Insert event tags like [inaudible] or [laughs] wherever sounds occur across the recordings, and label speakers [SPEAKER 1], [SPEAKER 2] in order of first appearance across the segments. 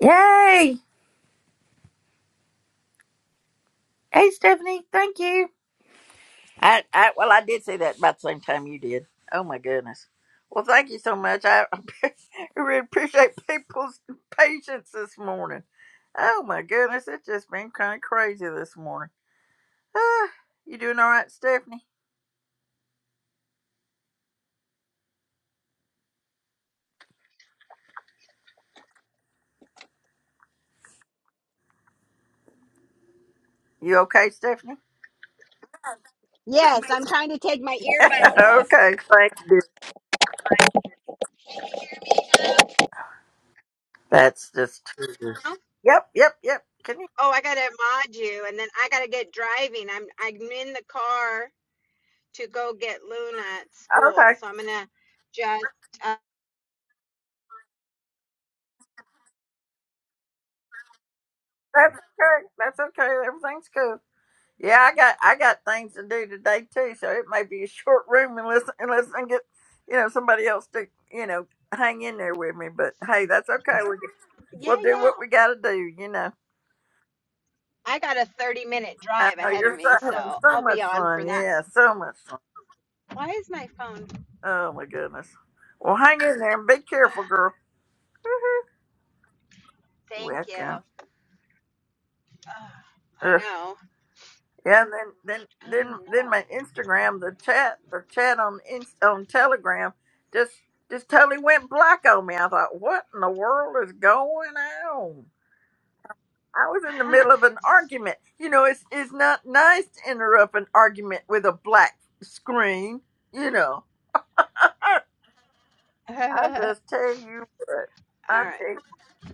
[SPEAKER 1] Yay! Hey, Stephanie, thank you. I, I well, I did say that about the same time you did. Oh my goodness. Well, thank you so much. I [laughs] I really appreciate people's patience this morning. Oh my goodness, it's just been kind of crazy this morning. Ah, you doing all right, Stephanie? You okay, Stephanie? [laughs]
[SPEAKER 2] Yes, I'm trying to take my earbuds off.
[SPEAKER 1] okay, thank you. That's just
[SPEAKER 2] Oh,
[SPEAKER 1] yep, yep, yep. Can you?
[SPEAKER 2] oh, I gotta mod you, and then I gotta get driving. I'm I'm in the car to go get Luna at school,
[SPEAKER 1] Okay,
[SPEAKER 2] so I'm gonna just uh,
[SPEAKER 1] that's okay. That's okay. Everything's cool. Yeah, I got I got things to do today too, so it may be a short room unless unless I get you know somebody else to you know hang in there with me. But hey, that's okay. We
[SPEAKER 2] yeah,
[SPEAKER 1] we'll do
[SPEAKER 2] yeah.
[SPEAKER 1] what we got to do. You know,
[SPEAKER 2] I got a 30 minute
[SPEAKER 1] I
[SPEAKER 2] drive
[SPEAKER 1] know
[SPEAKER 2] ahead of
[SPEAKER 1] you're so,
[SPEAKER 2] me,
[SPEAKER 1] having
[SPEAKER 2] so
[SPEAKER 1] so
[SPEAKER 2] I'll be
[SPEAKER 1] much
[SPEAKER 2] on for
[SPEAKER 1] fun.
[SPEAKER 2] that.
[SPEAKER 1] Yeah, so much fun.
[SPEAKER 2] Why is my phone?
[SPEAKER 1] Oh my goodness. Well, hang in there and be
[SPEAKER 2] Ah,
[SPEAKER 1] careful, girl.
[SPEAKER 2] thank you.
[SPEAKER 1] Welcome.
[SPEAKER 2] Ah, I know.
[SPEAKER 1] Yeah, and then then
[SPEAKER 2] I
[SPEAKER 1] then
[SPEAKER 2] know.
[SPEAKER 1] then my Instagram, the chat, the chat on Inst- on Telegram, just just totally went black on me. I thought, what in the world is going on? I was in the middle
[SPEAKER 2] [laughs]
[SPEAKER 1] of an argument. You know, it's it's not nice to interrupt an argument with a black screen. You know,
[SPEAKER 2] All
[SPEAKER 1] I
[SPEAKER 2] right,
[SPEAKER 1] just tell you what, I tell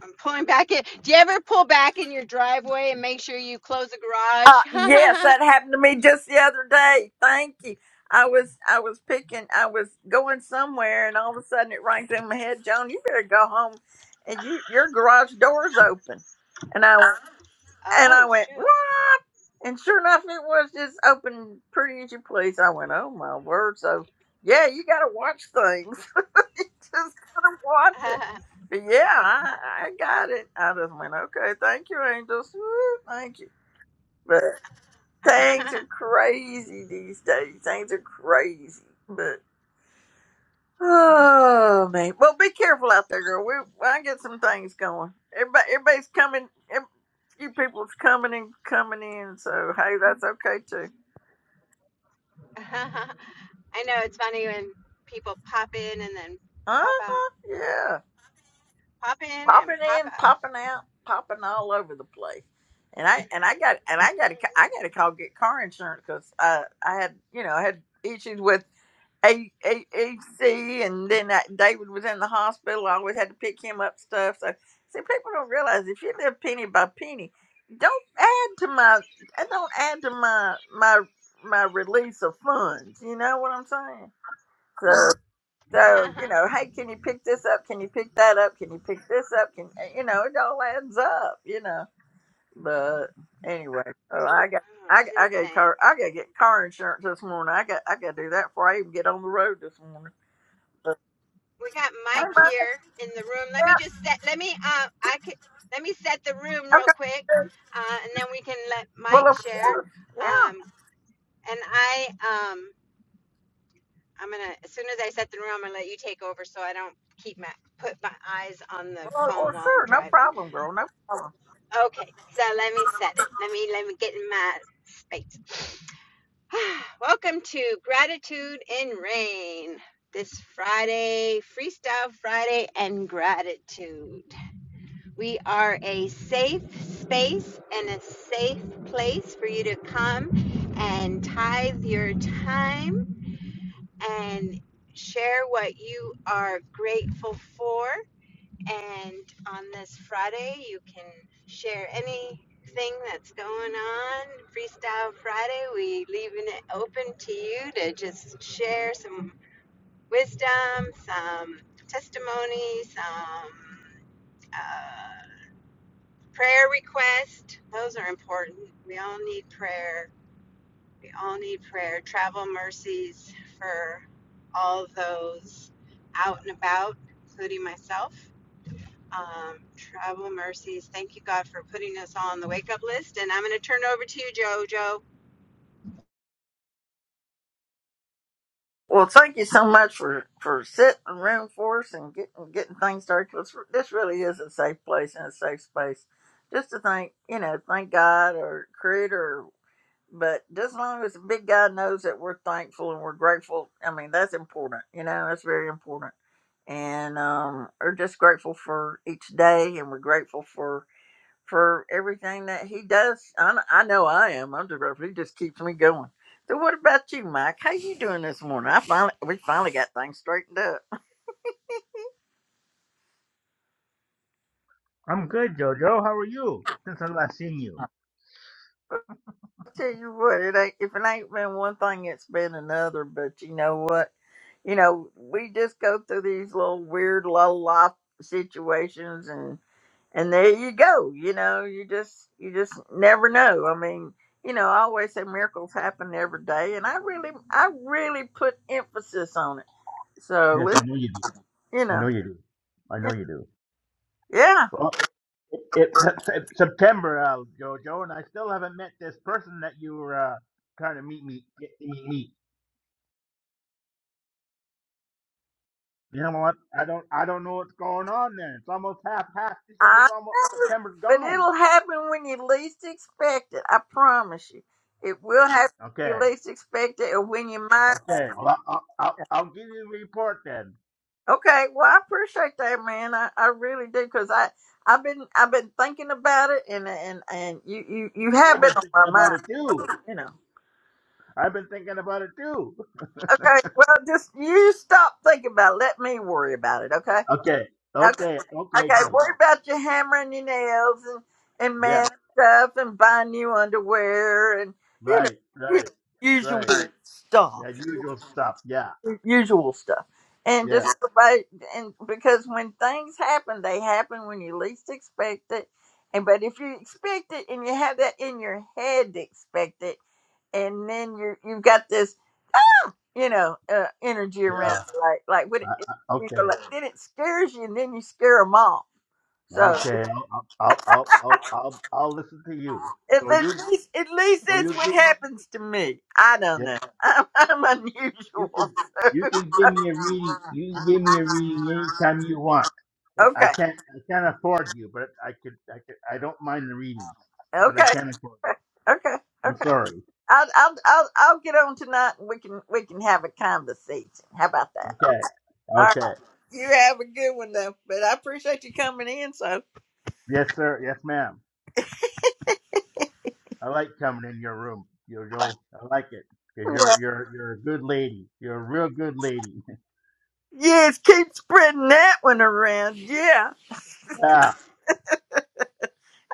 [SPEAKER 2] I'm pulling back in. Do you ever pull back in your driveway and make sure you close the
[SPEAKER 1] Uh, yes,
[SPEAKER 2] garage? [laughs]
[SPEAKER 1] that happened to me just the other day. Thank you. I was I was picking I was going somewhere and all of a sudden it rang through my head, Joan, you better go home and you your garage door's open. And I went and
[SPEAKER 2] Oh,
[SPEAKER 1] I went,
[SPEAKER 2] shoot.
[SPEAKER 1] What? And sure enough it was just open pretty as you please. I went, Oh my word, so yeah, you gotta watch things. [laughs] you just gotta
[SPEAKER 2] [laughs]
[SPEAKER 1] watch it.
[SPEAKER 2] I
[SPEAKER 1] But yeah, I, I got it. I just went, Okay, thank you, angels. Woo, thank you. Things are crazy these days. Things are crazy. But oh man, well be careful out there, girl. We I get some things going. Everybody, everybody's coming. Every, few people's coming and coming in. So hey, that's okay too.
[SPEAKER 2] know it's funny when people pop in and then
[SPEAKER 1] Uh
[SPEAKER 2] pop out.
[SPEAKER 1] huh. Yeah,
[SPEAKER 2] Pop in
[SPEAKER 1] popping
[SPEAKER 2] and pop
[SPEAKER 1] in,
[SPEAKER 2] out.
[SPEAKER 1] popping out, popping all over the place. And I and I got and I got to I got to call get car insurance because I I had you know I had issues with. A- A- AC, and then that David was in the hospital. I always had to pick him up stuff. So, see, people don't realize if you live penny by penny, don't add to my, I don't add to my my my release of funds. You know what I'm saying? So,
[SPEAKER 2] [laughs]
[SPEAKER 1] so
[SPEAKER 2] oh,
[SPEAKER 1] you know, hey, can you pick this up? Can you pick that up? Can you pick this up? Can eh, you know? It all adds up. You know. But anyway, so I got. I,
[SPEAKER 2] it's
[SPEAKER 1] I got
[SPEAKER 2] insane.
[SPEAKER 1] car I gotta get car insurance this morning. I got I gotta do that before I even get on the road this morning.
[SPEAKER 2] We got Mike
[SPEAKER 1] Anybody?
[SPEAKER 2] here in the room. Let me
[SPEAKER 1] Yeah.
[SPEAKER 2] just set, let me, uh, I could, let me set the room real
[SPEAKER 1] Okay.
[SPEAKER 2] quick, uh, and then we can let
[SPEAKER 1] Well,
[SPEAKER 2] Mike
[SPEAKER 1] of
[SPEAKER 2] share.
[SPEAKER 1] course. Yeah.
[SPEAKER 2] Um, and I, um, I'm gonna, as soon as I set the room, I'm gonna let you take over so I don't keep my, put my eyes on the
[SPEAKER 1] Well,
[SPEAKER 2] phone
[SPEAKER 1] well,
[SPEAKER 2] while I'm
[SPEAKER 1] sure. No
[SPEAKER 2] driving.
[SPEAKER 1] problem, girl. No problem.
[SPEAKER 2] Okay, so let me set it. Let me let me get in my space. [sighs] Welcome to Gratitude in Rain. This Friday, Freestyle Friday and Gratitude. We are a safe space and a safe place for you to come and tithe your time and share what you are grateful for and on this Friday, you can share anything that's going on. Freestyle Friday, we leaving it open to you to just share some wisdom, some testimony, some uh, prayer request. Those are important. We all need prayer. We all need prayer. Travel mercies for all those out and about, including myself. Um, travel mercies. Thank you, God, for putting us all on the wake up list. And I'm going to turn it over to you, JoJo.
[SPEAKER 1] Well, thank you so much for for sitting room for us and getting getting things started. 'cause this really is a safe place and a safe space. Just to thank you know, thank God or Creator. But just as long as the big guy knows that we're thankful and we're grateful, I mean that's important. You know, that's very important. And um, we're just grateful for each day, and we're grateful for for everything that he does. I, I know I am. I'm just he just keeps me going. So what about you, Mike? How you doing this morning? I finally we finally got things straightened up.
[SPEAKER 3] I'm good, Jojo. How are you? Since I last seen you.
[SPEAKER 1] I tell you what, it ain't if it ain't been one thing, it's been another. But you know what? You know, we just go through these little weird little life situations, and and there you go. You know, you just you just never know. I mean, you know, I always say miracles happen every day, and I really I really put emphasis on it So
[SPEAKER 3] Yes,
[SPEAKER 1] let
[SPEAKER 3] I know you do.
[SPEAKER 1] you
[SPEAKER 3] I
[SPEAKER 1] know.
[SPEAKER 3] know you do. I
[SPEAKER 1] Yeah,
[SPEAKER 3] know you do.
[SPEAKER 1] yeah,
[SPEAKER 3] Well, it, it's Sep- Sep- September, uh, Jojo, and I still haven't met this person that you were uh, trying to meet me. Get to meet me. You know what? I don't. I don't know what's going on there. It's almost half. Half December's
[SPEAKER 1] I
[SPEAKER 3] almost.
[SPEAKER 1] know.
[SPEAKER 3] September's
[SPEAKER 1] But
[SPEAKER 3] gone.
[SPEAKER 1] it'll happen when you least expect it. I promise you. It will happen when you
[SPEAKER 3] Okay.
[SPEAKER 1] least expect it or when you might
[SPEAKER 3] Okay. Well, I'll, I'll, I'll give you a report then.
[SPEAKER 1] Okay, well I appreciate that man. I, I really do because I I've been I've been thinking about it and and and you, you you have
[SPEAKER 3] I've
[SPEAKER 1] been
[SPEAKER 3] been
[SPEAKER 1] on
[SPEAKER 3] thinking
[SPEAKER 1] my
[SPEAKER 3] about it
[SPEAKER 1] mind,
[SPEAKER 3] too.
[SPEAKER 1] you know.
[SPEAKER 3] I've been thinking about it too.
[SPEAKER 1] Okay, well just you stop thinking about it. Let me worry about it, okay?
[SPEAKER 3] Okay.
[SPEAKER 1] Okay,
[SPEAKER 3] Okay.
[SPEAKER 1] okay.
[SPEAKER 3] Okay, Jojo.
[SPEAKER 1] Worry about your hammer and your nails and and
[SPEAKER 3] Yeah.
[SPEAKER 1] man stuff and buy new underwear and you know
[SPEAKER 3] Right,
[SPEAKER 1] you know,
[SPEAKER 3] right,
[SPEAKER 1] usual
[SPEAKER 3] right.
[SPEAKER 1] stuff,
[SPEAKER 3] That usual stuff. Yeah,
[SPEAKER 1] usual stuff. And
[SPEAKER 3] yeah,
[SPEAKER 1] just go by and because when things happen, they happen when you least expect it. And but if you expect it and you have that in your head to expect it, and then you you've got this you know uh, energy around
[SPEAKER 3] yeah.
[SPEAKER 1] it, like like what
[SPEAKER 3] I,
[SPEAKER 1] it,
[SPEAKER 3] I,
[SPEAKER 1] you go
[SPEAKER 3] okay,
[SPEAKER 1] like then it scares you and then you scare them off. So.
[SPEAKER 3] okay. I'll, I'll, I'll, I'll, I'll, I'll listen to you.
[SPEAKER 1] At,
[SPEAKER 3] So
[SPEAKER 1] at
[SPEAKER 3] you,
[SPEAKER 1] least, at least
[SPEAKER 3] so you
[SPEAKER 1] that's what
[SPEAKER 3] give,
[SPEAKER 1] happens to me. I don't
[SPEAKER 3] yeah.
[SPEAKER 1] know. [laughs] I'm, I'm
[SPEAKER 3] You
[SPEAKER 1] unusual. [laughs]
[SPEAKER 3] can, you can give me a reading. You can give me a reading anytime you want. But I
[SPEAKER 1] okay,
[SPEAKER 3] can't, I can't afford you. But I could, I could, I don't mind the readings. But I
[SPEAKER 1] okay,
[SPEAKER 3] can't afford.
[SPEAKER 1] okay,
[SPEAKER 3] You. I'm
[SPEAKER 1] okay.
[SPEAKER 3] sorry.
[SPEAKER 1] I'll, I'll, I'll, I'll get on tonight, and we can, we can have a conversation. How about that?
[SPEAKER 3] Okay,
[SPEAKER 1] All right.
[SPEAKER 3] okay.
[SPEAKER 1] You have a good one though. But I appreciate you coming in. So.
[SPEAKER 3] Yes, sir. Yes, ma'am. I like coming in your room, Jojo. I like it because you're
[SPEAKER 1] Well,
[SPEAKER 3] you're you're a good lady. You're a real good lady.
[SPEAKER 1] yes, keep spreading that one around. Yeah.
[SPEAKER 3] [laughs] yeah.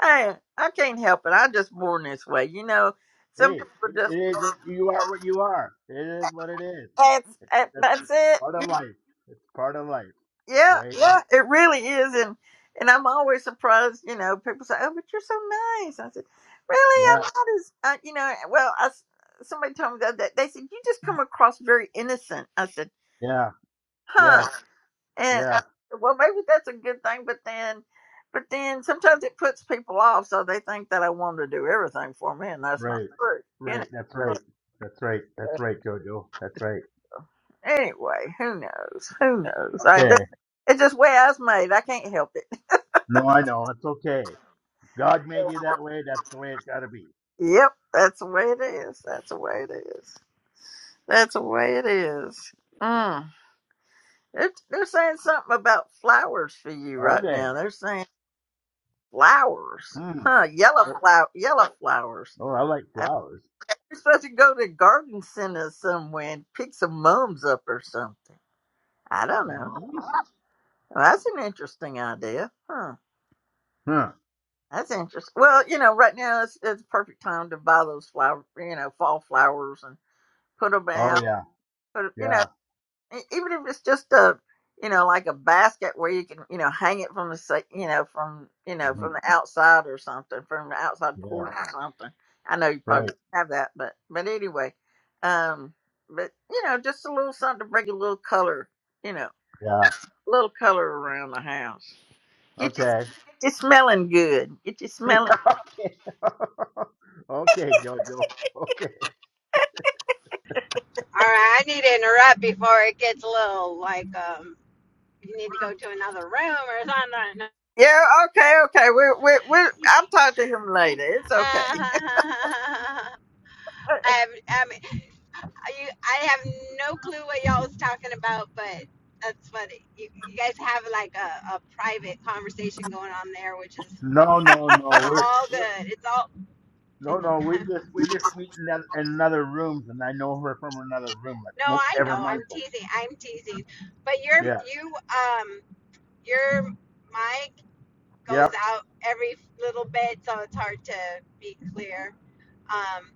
[SPEAKER 1] Hey, I can't help it. I just born this way. You know, some
[SPEAKER 3] Hey,
[SPEAKER 1] people
[SPEAKER 3] it, it
[SPEAKER 1] just.
[SPEAKER 3] is what you are. What you are. It is what it is.
[SPEAKER 1] That's,
[SPEAKER 3] It,
[SPEAKER 1] that-
[SPEAKER 3] that's
[SPEAKER 1] that's it.
[SPEAKER 3] part of life. It's part of life,
[SPEAKER 1] Yeah,
[SPEAKER 3] right?
[SPEAKER 1] yeah, it really is, and and I'm always surprised. You know, people say, "Oh, but you're so nice." I said, "Really,
[SPEAKER 3] Yeah.
[SPEAKER 1] I'm not as uh, you know." Well, I s somebody told me that, that they said you just come across very innocent. I said,
[SPEAKER 3] Yeah. Yes.
[SPEAKER 1] "Huh?" And I,
[SPEAKER 3] Yeah.
[SPEAKER 1] well, maybe that's a good thing, but then, but then sometimes it puts people off, so they think that I want to do everything for me, and that's not
[SPEAKER 3] Right.
[SPEAKER 1] true. You know.
[SPEAKER 3] Right. That's
[SPEAKER 1] But
[SPEAKER 3] right. That's right.
[SPEAKER 1] uh,
[SPEAKER 3] That's right, Jojo. That's right.
[SPEAKER 1] anyway, who knows? Who knows? I just,
[SPEAKER 3] Okay.
[SPEAKER 1] it's just way I was made. I can't help it.
[SPEAKER 3] No, I know. It's okay. God made you that way. That's the way it's got to be.
[SPEAKER 1] Yep, that's the way it is. That's the way it is. That's the way it is. Mm. They're, they're saying something about flowers for you
[SPEAKER 3] Are
[SPEAKER 1] right
[SPEAKER 3] they?
[SPEAKER 1] now. They're saying flowers,
[SPEAKER 3] Hmm.
[SPEAKER 1] huh? Yellow
[SPEAKER 3] Oh,
[SPEAKER 1] flower, yellow flowers.
[SPEAKER 3] oh, I like
[SPEAKER 1] I think
[SPEAKER 3] flowers.
[SPEAKER 1] you're supposed to go to garden center somewhere and pick some mums up or something. I don't know.
[SPEAKER 3] Mm-hmm.
[SPEAKER 1] Well, that's an interesting idea, huh?
[SPEAKER 3] Huh.
[SPEAKER 1] That's interesting. Well, you know, right now it's it's the perfect time to buy those flower, you know, fall flowers and put them
[SPEAKER 3] Oh
[SPEAKER 1] out.
[SPEAKER 3] yeah.
[SPEAKER 1] Put, 'em- you know.
[SPEAKER 3] Yeah.
[SPEAKER 1] E- even if it's just a you know like a basket where you can you know hang it from the sa- you know from you know
[SPEAKER 3] Mhm.
[SPEAKER 1] from the outside or something from the outside porch
[SPEAKER 3] Yeah.
[SPEAKER 1] or something i know you probably
[SPEAKER 3] Right.
[SPEAKER 1] don't have that but but anyway um but you know just a little something to bring a little color you know
[SPEAKER 3] Yeah.
[SPEAKER 1] a little color around the house get you get
[SPEAKER 3] Okay. [laughs]
[SPEAKER 1] you smelling good get you
[SPEAKER 3] Yeah.
[SPEAKER 1] smelling
[SPEAKER 3] Okay. [laughs] okay, Jojo. Okay.
[SPEAKER 2] All right, I need to interrupt before it gets a little like um, you need to go to another room or
[SPEAKER 1] yeah okay okay we're we're, we're
[SPEAKER 2] something.
[SPEAKER 1] i'll talk to him later it's
[SPEAKER 2] [laughs]
[SPEAKER 1] okay
[SPEAKER 2] I
[SPEAKER 1] [laughs]
[SPEAKER 2] have, I mean, you, I have no clue what y'all was talking about, but that's what you, you guys have like a, a private conversation going on there, which is
[SPEAKER 3] No, no, no. We're,
[SPEAKER 2] all
[SPEAKER 3] we're
[SPEAKER 2] good. It's all.
[SPEAKER 3] no, no.
[SPEAKER 2] [laughs]
[SPEAKER 3] We just we just meet in another, another rooms, and I know her from another room. Like,
[SPEAKER 2] No,
[SPEAKER 3] will
[SPEAKER 2] I
[SPEAKER 3] ever
[SPEAKER 2] know. I'm
[SPEAKER 3] mindful.
[SPEAKER 2] teasing. I'm teasing. But your
[SPEAKER 3] Yeah.
[SPEAKER 2] you um your mic goes
[SPEAKER 3] Yep.
[SPEAKER 2] out every little bit, so it's hard to be clear. Um,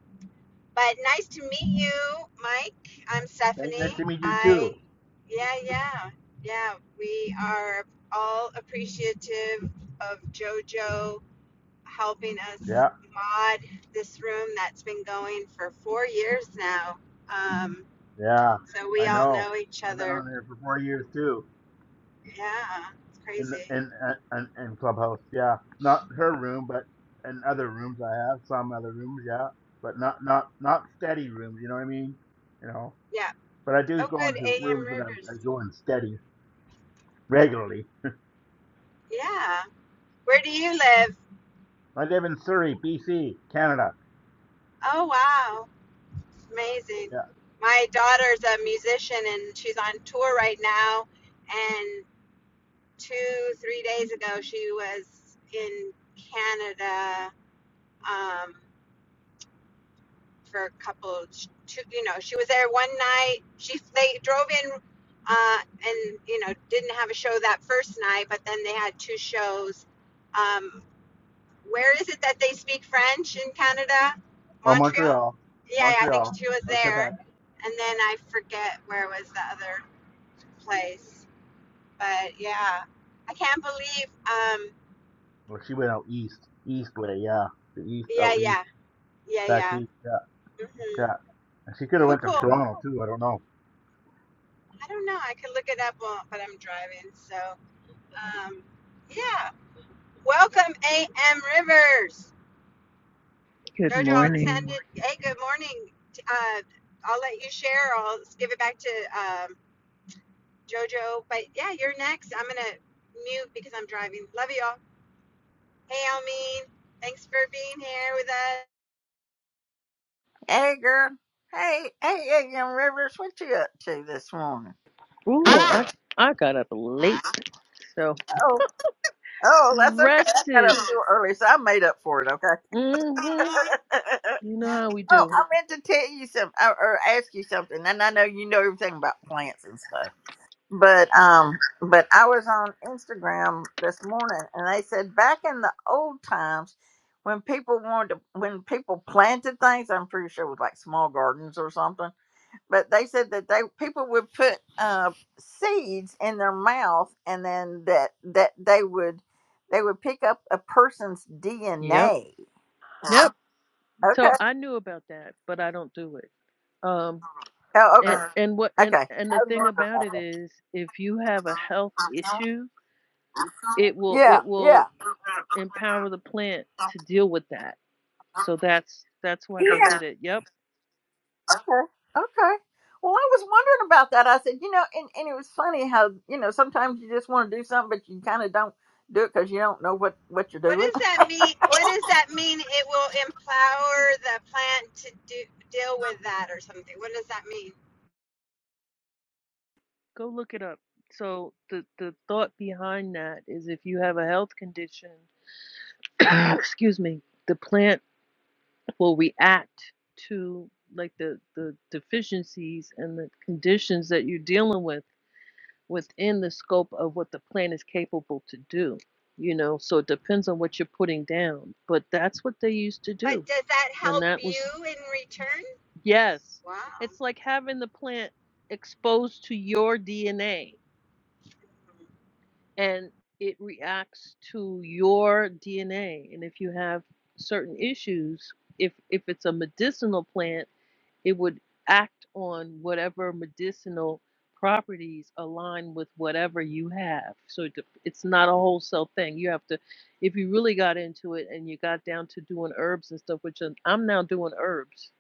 [SPEAKER 2] but nice to meet you, Mike. I'm
[SPEAKER 3] Thank, nice
[SPEAKER 2] Stephanie.
[SPEAKER 3] to meet you
[SPEAKER 2] I
[SPEAKER 3] too.
[SPEAKER 2] yeah yeah yeah. We are all appreciative of JoJo helping us
[SPEAKER 3] Yeah.
[SPEAKER 2] mod this room that's been going for four years now. Um,
[SPEAKER 3] Yeah.
[SPEAKER 2] so we
[SPEAKER 3] I
[SPEAKER 2] all
[SPEAKER 3] know.
[SPEAKER 2] know each
[SPEAKER 3] I've been
[SPEAKER 2] other
[SPEAKER 3] on here for four years too.
[SPEAKER 2] Yeah, it's
[SPEAKER 3] in
[SPEAKER 2] crazy.
[SPEAKER 3] in uh, in, in clubhouse yeah not her room but in other rooms i have some other rooms yeah but not not not steady rooms you know what i mean you know
[SPEAKER 2] Yeah.
[SPEAKER 3] but i do
[SPEAKER 2] Oh,
[SPEAKER 3] go
[SPEAKER 2] good.
[SPEAKER 3] into
[SPEAKER 2] A.M.
[SPEAKER 3] rooms that i'm
[SPEAKER 2] Rivers.
[SPEAKER 3] I go in steady regularly
[SPEAKER 2] Yeah. Where do you live?
[SPEAKER 3] i live in surrey bc canada
[SPEAKER 2] Oh, wow. Amazing.
[SPEAKER 3] yeah
[SPEAKER 2] My daughter's a musician and she's on tour right now. And two, three days ago, she was in Canada um, for a couple, two, you know, she was there one night. She They drove in uh, and, you know, didn't have a show that first night, but then they had two shows. um, Where is it that they speak French in Canada?
[SPEAKER 3] Oh,
[SPEAKER 2] Montreal?
[SPEAKER 3] montreal
[SPEAKER 2] Yeah, yeah, I think
[SPEAKER 3] montreal
[SPEAKER 2] she was
[SPEAKER 3] or
[SPEAKER 2] there.
[SPEAKER 3] quebec
[SPEAKER 2] And then I forget where was the other place. But yeah, I can't believe. Um,
[SPEAKER 3] well she went out east east way yeah the east
[SPEAKER 2] yeah,
[SPEAKER 3] out east
[SPEAKER 2] yeah, yeah,
[SPEAKER 3] back
[SPEAKER 2] yeah.
[SPEAKER 3] east yeah
[SPEAKER 2] hmm
[SPEAKER 3] yeah and she could have
[SPEAKER 2] Cool,
[SPEAKER 3] went to
[SPEAKER 2] cool.
[SPEAKER 3] toronto too i don't know
[SPEAKER 2] I don't know. I could look it up, while- but I'm driving. So um, yeah. Welcome, A.M. Rivers.
[SPEAKER 4] Good
[SPEAKER 2] Jojo, I'll send
[SPEAKER 4] morning.
[SPEAKER 2] it. Hey, good morning. Uh, I'll let you share. I'll give it back to um, Jojo. But yeah, you're next. I'm gonna mute because I'm driving. Love y'all. Hey, Almeen. Thanks for being here with us.
[SPEAKER 1] Hey, girl. Hey, hey, hey, young Rivers, what you up to this morning?
[SPEAKER 4] Ooh, I
[SPEAKER 1] Oh,
[SPEAKER 4] I got up late, so
[SPEAKER 1] oh, that's okay. I got up
[SPEAKER 4] rested.
[SPEAKER 1] too early, so I made up for it. Okay.
[SPEAKER 4] mm
[SPEAKER 1] [laughs]
[SPEAKER 4] Mhm. You know how we
[SPEAKER 1] oh,
[SPEAKER 4] do.
[SPEAKER 1] I meant to tell you something or, or ask you something, and I know you know everything about plants and stuff. But um, but I was on Instagram this morning, and they said back in the old times when people wanted to, when people planted things, I'm pretty sure it was like small gardens or something but they said that they people would put uh, seeds in their mouth and then that that they would they would pick up a person's
[SPEAKER 4] Yep.
[SPEAKER 1] DNA. Huh?
[SPEAKER 4] Yep. So
[SPEAKER 1] Okay.
[SPEAKER 4] I knew about that, but I don't do it. Um
[SPEAKER 1] Oh, okay.
[SPEAKER 4] and
[SPEAKER 1] Uh,
[SPEAKER 4] and what and and the thing about it is if you have a health
[SPEAKER 1] Okay.
[SPEAKER 4] issue, it will
[SPEAKER 1] Yeah.
[SPEAKER 4] it
[SPEAKER 1] Yeah.
[SPEAKER 4] will empower the plant to deal with that. So that's that's why they
[SPEAKER 1] Yeah.
[SPEAKER 4] did it. Yep.
[SPEAKER 1] Okay. Okay. Well, I was wondering about that. I said, you know, and, and it was funny how, you know, sometimes you just want to do something, but you kind of don't do it because you don't know what, what you're
[SPEAKER 2] What
[SPEAKER 1] doing.
[SPEAKER 2] does that mean? What does that mean? It will empower the plant to do, deal with that or something. What does that mean?
[SPEAKER 4] Go look it up. So the the thought behind that is if you have a health condition [coughs] excuse me, the plant will react to like the, the deficiencies and the conditions that you're dealing with within the scope of what the plant is capable to do. You know, so it depends on what you're putting down. But that's what they used to
[SPEAKER 2] But
[SPEAKER 4] do.
[SPEAKER 2] does that
[SPEAKER 4] And
[SPEAKER 2] help
[SPEAKER 4] that was,
[SPEAKER 2] you in return?
[SPEAKER 4] yes,
[SPEAKER 2] Wow.
[SPEAKER 4] it's like having the plant exposed to your DNA. and it reacts to your DNA. And if you have certain issues, if if it's a medicinal plant, it would act on whatever medicinal properties align with whatever you have. So it, it's not a wholesale thing. You have to, if you really got into it and you got down to doing herbs and stuff, which I'm I'm now doing herbs.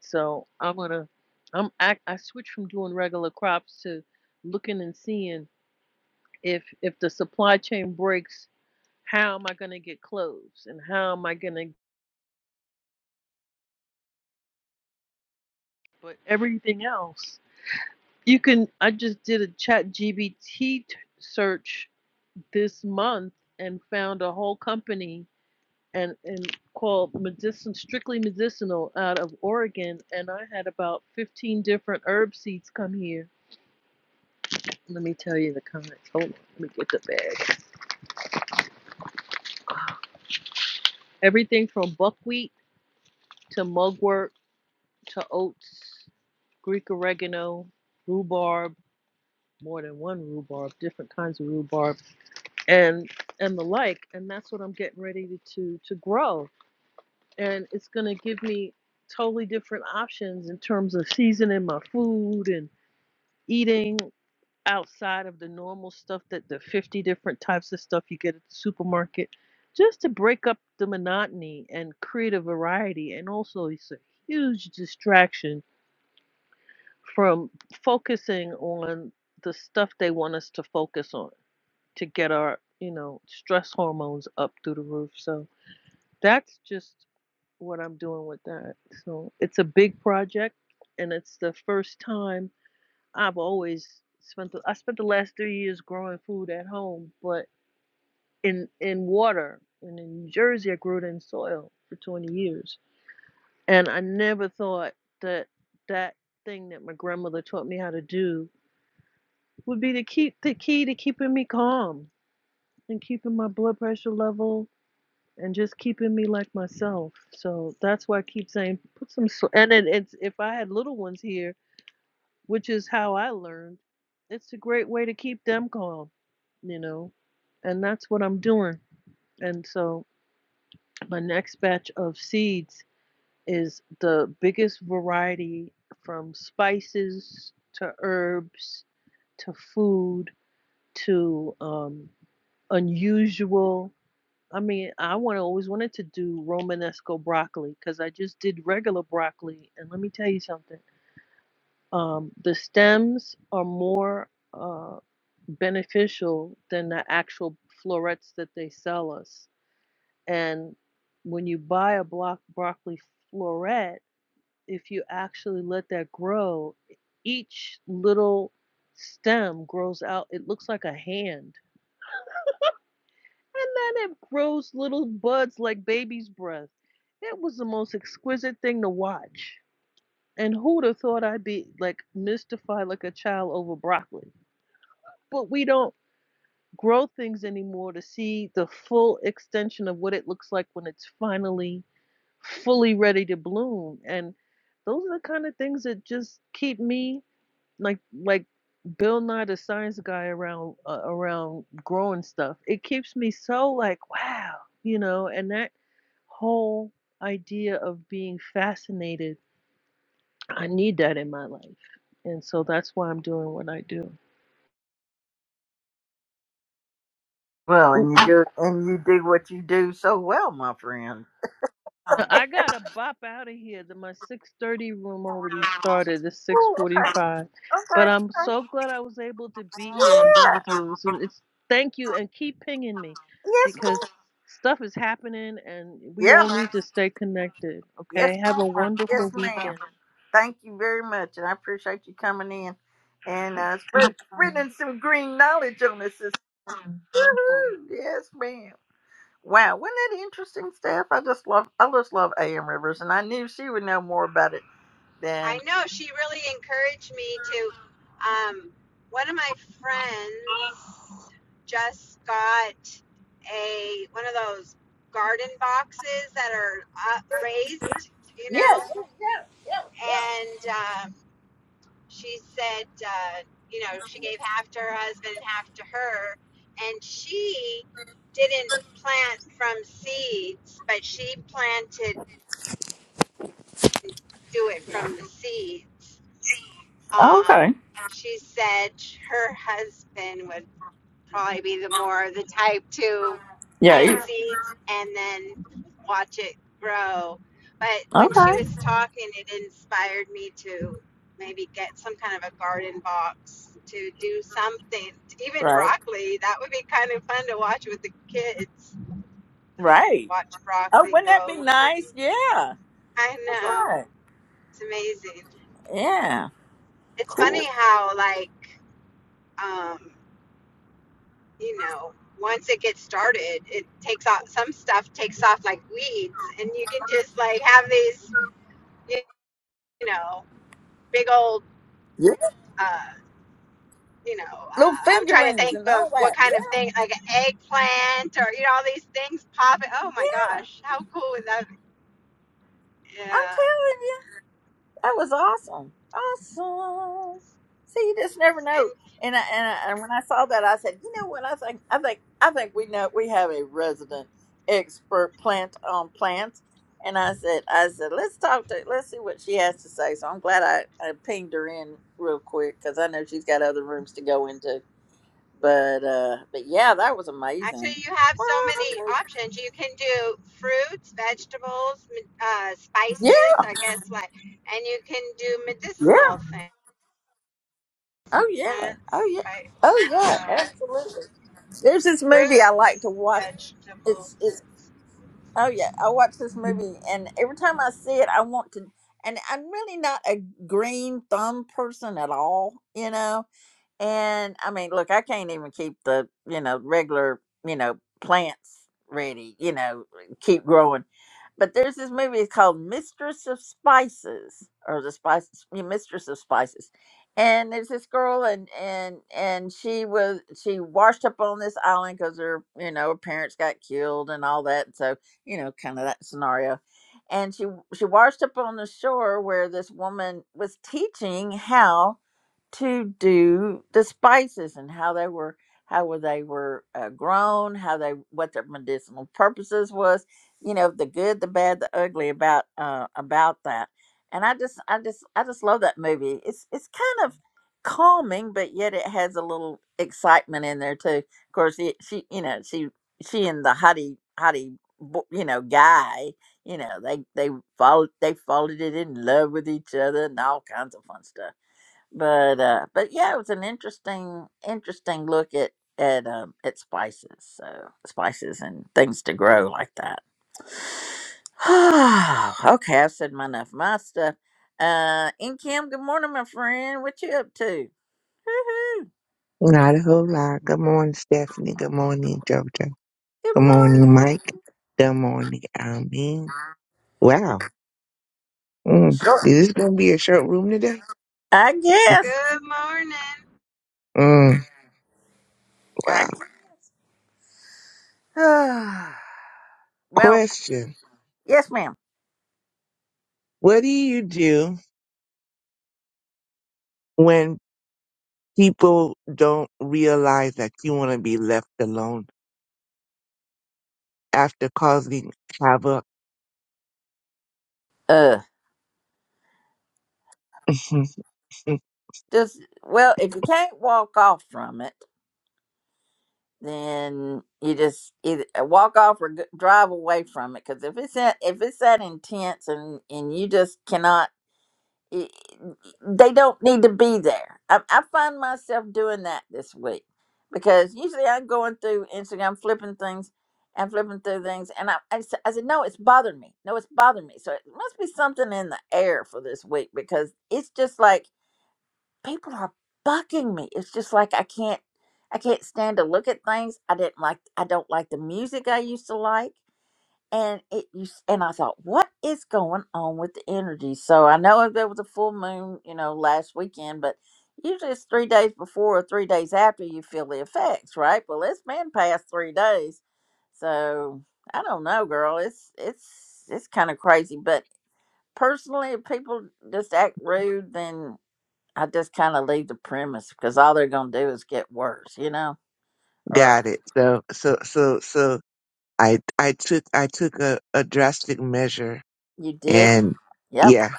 [SPEAKER 4] So I'm gonna, I'm I, I switched from doing regular crops to looking and seeing if if the supply chain breaks, how am I going to get clothes and how am I going to but everything else you can I just did a chat GBT search this month and found a whole company and and called medicine strictly medicinal out of Oregon and I had about 15 different herb seeds come here let me tell you the comments hold on let me get the bag everything from buckwheat to mugwort to oats Greek oregano, rhubarb, more than one rhubarb, different kinds of rhubarb, and and the like. And that's what I'm getting ready to to, to grow. And it's gonna give me totally different options in terms of seasoning my food and eating outside of the normal stuff that the 50 different types of stuff you get at the supermarket just to break up the monotony and create a variety and also it's a huge distraction from focusing on the stuff they want us to focus on to get our, you know, stress hormones up through the roof. So that's just what I'm doing with that. So it's a big project and it's the first time I've always spent the, I spent the last 3 years growing food at home, but in in water and in New Jersey I grew it in soil for 20 years. And I never thought that that thing that my grandmother taught me how to do would be to keep the key to keeping me calm and keeping my blood pressure level and just keeping me like myself. So that's why I keep saying put some salt. And then it's if I had little ones here, which is how I learned, it's a great way to keep them calm, you know. And that's what I'm doing. And so my next batch of seeds is the biggest variety from spices to herbs to food to um, unusual. I mean, I want to always wanted to do Romanesco broccoli because I just did regular broccoli, and let me tell you something. Um, the stems are more uh, beneficial than the actual florets that they sell us. And when you buy a block broccoli floret, if you actually let that grow, each little stem grows out. It looks like a hand and then it grows little buds like baby's breath. It was the most exquisite thing to watch. And who'd have thought I'd be like mystified like a child over broccoli? But we don't grow things anymore to see the full extension of what it looks like when it's finally fully ready to bloom. And those are the kind of things that just keep me like like Bill Nye the science guy around uh, around growing stuff. It keeps me so like wow, you know, and that whole idea of being fascinated, I need that in my life. And so that's why I'm doing what I do.
[SPEAKER 1] Well,
[SPEAKER 4] Ooh,
[SPEAKER 1] and you do, and you do what you do so well, my friend.
[SPEAKER 4] I gotta bop out of here. That my 6:30 room already started. It's
[SPEAKER 1] Ooh, okay,
[SPEAKER 4] 6:45, but
[SPEAKER 1] okay,
[SPEAKER 4] I'm so
[SPEAKER 1] okay.
[SPEAKER 4] glad I was able to be here and be with
[SPEAKER 1] Yeah.
[SPEAKER 4] you. So it's thank you and keep pinging me,
[SPEAKER 1] Yes, ma'am.
[SPEAKER 4] because stuff is happening and we
[SPEAKER 1] Yeah.
[SPEAKER 4] all need to stay connected.
[SPEAKER 1] Yes,
[SPEAKER 4] Okay, have a
[SPEAKER 1] ma'am. Yes,
[SPEAKER 4] wonderful
[SPEAKER 1] ma'am.
[SPEAKER 4] weekend.
[SPEAKER 1] Thank you very much, and I appreciate you coming in and uh, spread, spreading some green knowledge on this. sis. Woohoo! Yes, ma'am. Wow, wasn't that interesting, Steph? I just love, I just love A.M. Rivers, and I knew she would know more about it than.
[SPEAKER 2] I know she really encouraged me to. Um, one of my friends just got a one of those garden boxes that are uh, raised, you know,
[SPEAKER 1] Yes, yeah.
[SPEAKER 2] and um, she said, uh, you know, she gave half to her husband and half to her, and she didn't plant from seeds, but she planted do it from the seeds
[SPEAKER 1] Oh,
[SPEAKER 2] um,
[SPEAKER 1] Okay.
[SPEAKER 2] she said her husband would probably be the more the type to
[SPEAKER 1] Yeah.
[SPEAKER 2] plant
[SPEAKER 1] you-
[SPEAKER 2] seeds and then watch it grow. But when she
[SPEAKER 1] Okay.
[SPEAKER 2] was talking, it inspired me to maybe get some kind of a garden box to do something. Even
[SPEAKER 1] Right.
[SPEAKER 2] broccoli, that would be kind of fun to watch with the kids.
[SPEAKER 1] Right.
[SPEAKER 2] Watch
[SPEAKER 1] Oh,
[SPEAKER 2] broccoli
[SPEAKER 1] wouldn't that be
[SPEAKER 2] grow.
[SPEAKER 1] nice? Yeah.
[SPEAKER 2] I
[SPEAKER 1] That's
[SPEAKER 2] know.
[SPEAKER 1] right.
[SPEAKER 2] It's amazing.
[SPEAKER 1] Yeah.
[SPEAKER 2] It's
[SPEAKER 1] Cool.
[SPEAKER 2] funny how, like, um, you know, once it gets started, it takes off some stuff takes off like weeds, and you can just like have these, you know, big old,
[SPEAKER 1] Yeah.
[SPEAKER 2] uh, you know,
[SPEAKER 1] Little
[SPEAKER 2] uh, I'm trying to
[SPEAKER 1] fingerlings
[SPEAKER 2] think
[SPEAKER 1] and
[SPEAKER 2] of
[SPEAKER 1] all
[SPEAKER 2] what
[SPEAKER 1] that. Yeah.
[SPEAKER 2] kind of thing like an eggplant or you know all these things popping. Oh my gosh, how cool would that? Be? Yeah,
[SPEAKER 1] That was awesome. Awesome. See, you just never
[SPEAKER 2] and
[SPEAKER 1] know. And I, and I, and when I saw that, I said, you know what? I think I think I think we know we have a resident expert plant on plants. And I said, I said, let's talk to let's see what she has to say. So I'm glad I, I pinged her in real quick because I know she's got other rooms to go into. But uh, but yeah, that was
[SPEAKER 2] actually
[SPEAKER 1] amazing.
[SPEAKER 2] you have so many options. You can do fruits, vegetables, m- uh,
[SPEAKER 1] Yeah,
[SPEAKER 2] spices, I guess, like, and you can do
[SPEAKER 1] yeah.
[SPEAKER 2] medicinal things.
[SPEAKER 1] Oh yeah. Oh
[SPEAKER 2] plants,
[SPEAKER 1] yeah.
[SPEAKER 2] spice,
[SPEAKER 1] Oh yeah.
[SPEAKER 2] uh,
[SPEAKER 1] Absolutely. There's this movie I like to
[SPEAKER 2] fruits,
[SPEAKER 1] watch. It's
[SPEAKER 2] vegetables.
[SPEAKER 1] it's oh yeah, I watch this movie and every time I see it I want to and I'm really not a green thumb person at all, you know. And I mean, look, I can't even keep the, you know, regular, you know, plants ready, you know, keep growing. But there's this movie called Mistress of Spices or the Spice yeah, Mistress of Spices. And there's this girl and and and she was she washed up on this island cuz her, you know, her parents got killed and all that. So, you know, kind of that scenario. And she she washed up on the shore where this woman was teaching how to do the spices and how they were how were they were uh, grown how they what their medicinal purposes was you know the good the bad the ugly about uh about that and i just i just i just love that movie it's it's kind of calming but yet it has a little excitement in there too of course it, she you know she she and the hottie hottie bo- you know guy you know they they followed they followed it in love with each other and all kinds of fun stuff but uh but yeah it was an interesting interesting look at at um at spices so spices and things to grow like that [sighs] okay i've said my enough of my stuff uh in kim good morning my friend what you up to
[SPEAKER 5] Not a whole lot. Good morning, Stephanie. Good morning, Jojo.
[SPEAKER 1] good
[SPEAKER 5] Good morning,
[SPEAKER 1] morning
[SPEAKER 5] Mike. Good morning, Almin. Wow. Mm.
[SPEAKER 1] sure
[SPEAKER 5] Is this going to be a short room today?
[SPEAKER 1] i guess
[SPEAKER 2] Good morning.
[SPEAKER 5] Mm. Wow.
[SPEAKER 1] i [sighs] well
[SPEAKER 5] Question.
[SPEAKER 1] yes ma'am
[SPEAKER 5] What do you do when people don't realize that you want to be left alone after causing havoc?
[SPEAKER 1] uh
[SPEAKER 5] [laughs]
[SPEAKER 1] just well if you can't walk off from it then you just either uh, walk off or g- drive away from it. Because if it's that, if it's that intense and and you just cannot, i- they don't need to be there. I, I find myself doing that this week because usually I'm going through Instagram, flipping things and flipping through things, and I I, s- I said no, it's bothering me. No, it's bothering me. So it must be something in the air for this week because it's just like people are bucking me. It's just like I can't I can't stand to look at things. I didn't like I don't like the music I used to like. And it used and I thought, what is going on with the energy? So I know there was a full moon, you know, last weekend, but usually it's three days before or three days after you feel the effects, right? Well it's been past three days. So I don't know, girl. It's it's it's kind of crazy. But personally if people just act rude then I just kind of leave the premise because all they're going to do is get worse, you know? Or
[SPEAKER 5] Got it. So, so, so, so I, I took, I took a, a drastic measure
[SPEAKER 1] you did?
[SPEAKER 5] and
[SPEAKER 1] Yep.
[SPEAKER 5] yeah,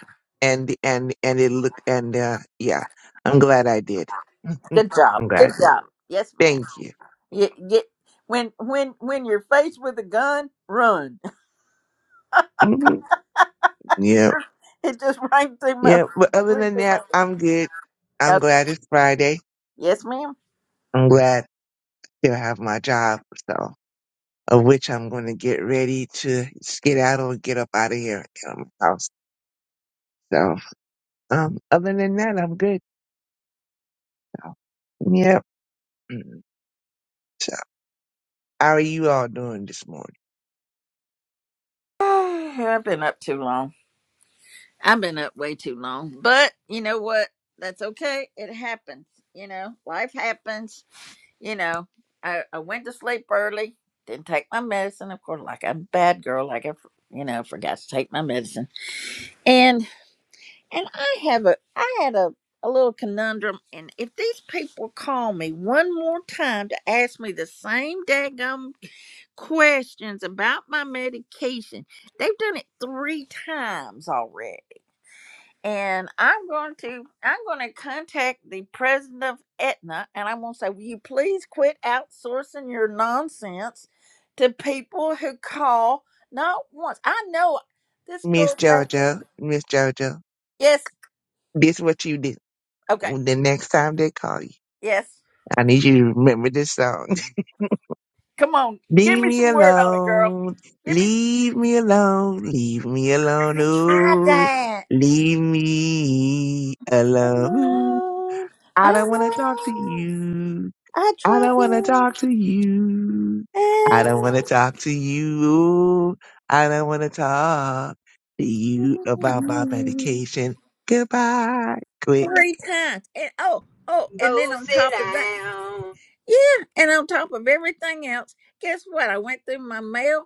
[SPEAKER 5] and and and it look and uh, yeah, I'm glad I did. [laughs]
[SPEAKER 1] Good job.
[SPEAKER 5] I'm glad.
[SPEAKER 1] Good
[SPEAKER 5] I did.
[SPEAKER 1] job. Yes, ma'am.
[SPEAKER 5] Thank you.
[SPEAKER 1] You, you, when when when you're faced with a gun, run. [laughs]
[SPEAKER 5] Mhm. yeah,
[SPEAKER 1] It just rang through my
[SPEAKER 5] yeah. But other
[SPEAKER 1] rang
[SPEAKER 5] than
[SPEAKER 1] through my
[SPEAKER 5] that, I'm good. I'm
[SPEAKER 1] okay.
[SPEAKER 5] glad it's Friday.
[SPEAKER 1] Yes, ma'am.
[SPEAKER 5] I'm glad to have my job. So, of which I'm going to get ready to skedaddle and get up out of here out of my house. So, um, other than that, I'm good. So, yep. Mm. So, how are you all doing this morning,
[SPEAKER 1] [sighs] I've been up too long. I've been up way too long. But you know what? That's okay. It happens. You know, life happens you know, I, I went to sleep early, didn't take my medicine, of course, like I'm a bad girl, like I, f- you know, forgot to take my medicine. And and I have a I had a a little conundrum, and if these people call me one more time to ask me the same daggum questions about my medication, they've done it three times already and I'm going to I'm going to contact the president of Aetna, and I'm going to say, "Will you please quit outsourcing your nonsense to people who call not once?" I know this
[SPEAKER 5] Miss
[SPEAKER 1] girl. Thinks,
[SPEAKER 5] JoJo? Miss JoJo.
[SPEAKER 1] yes.
[SPEAKER 5] This what you do.
[SPEAKER 1] Okay.
[SPEAKER 5] The next time they call you,
[SPEAKER 1] Yes.
[SPEAKER 5] I need you to remember this song.
[SPEAKER 1] Come on,
[SPEAKER 5] [laughs]
[SPEAKER 1] give
[SPEAKER 5] leave
[SPEAKER 1] me
[SPEAKER 5] me
[SPEAKER 1] some word on it, girl.
[SPEAKER 5] alone.
[SPEAKER 1] Give me.
[SPEAKER 5] Leave me alone. Leave me alone.
[SPEAKER 1] I
[SPEAKER 5] Ooh,
[SPEAKER 1] died.
[SPEAKER 5] leave me
[SPEAKER 1] I
[SPEAKER 5] alone.
[SPEAKER 1] know. I
[SPEAKER 5] I don't want to talk to
[SPEAKER 1] know.
[SPEAKER 5] you.
[SPEAKER 1] I
[SPEAKER 5] I
[SPEAKER 1] tried
[SPEAKER 5] don't want
[SPEAKER 1] to
[SPEAKER 5] to talk to you. I don't want to
[SPEAKER 1] end
[SPEAKER 5] talk to you. Ooh, I don't want to talk to you about my
[SPEAKER 1] you
[SPEAKER 5] medication. Goodbye. Quick.
[SPEAKER 1] three times, and oh, oh, and then
[SPEAKER 2] Go
[SPEAKER 1] on
[SPEAKER 2] sit
[SPEAKER 1] top of that.
[SPEAKER 2] down.
[SPEAKER 1] Yeah, and on top of everything else, guess what? I went through my mail,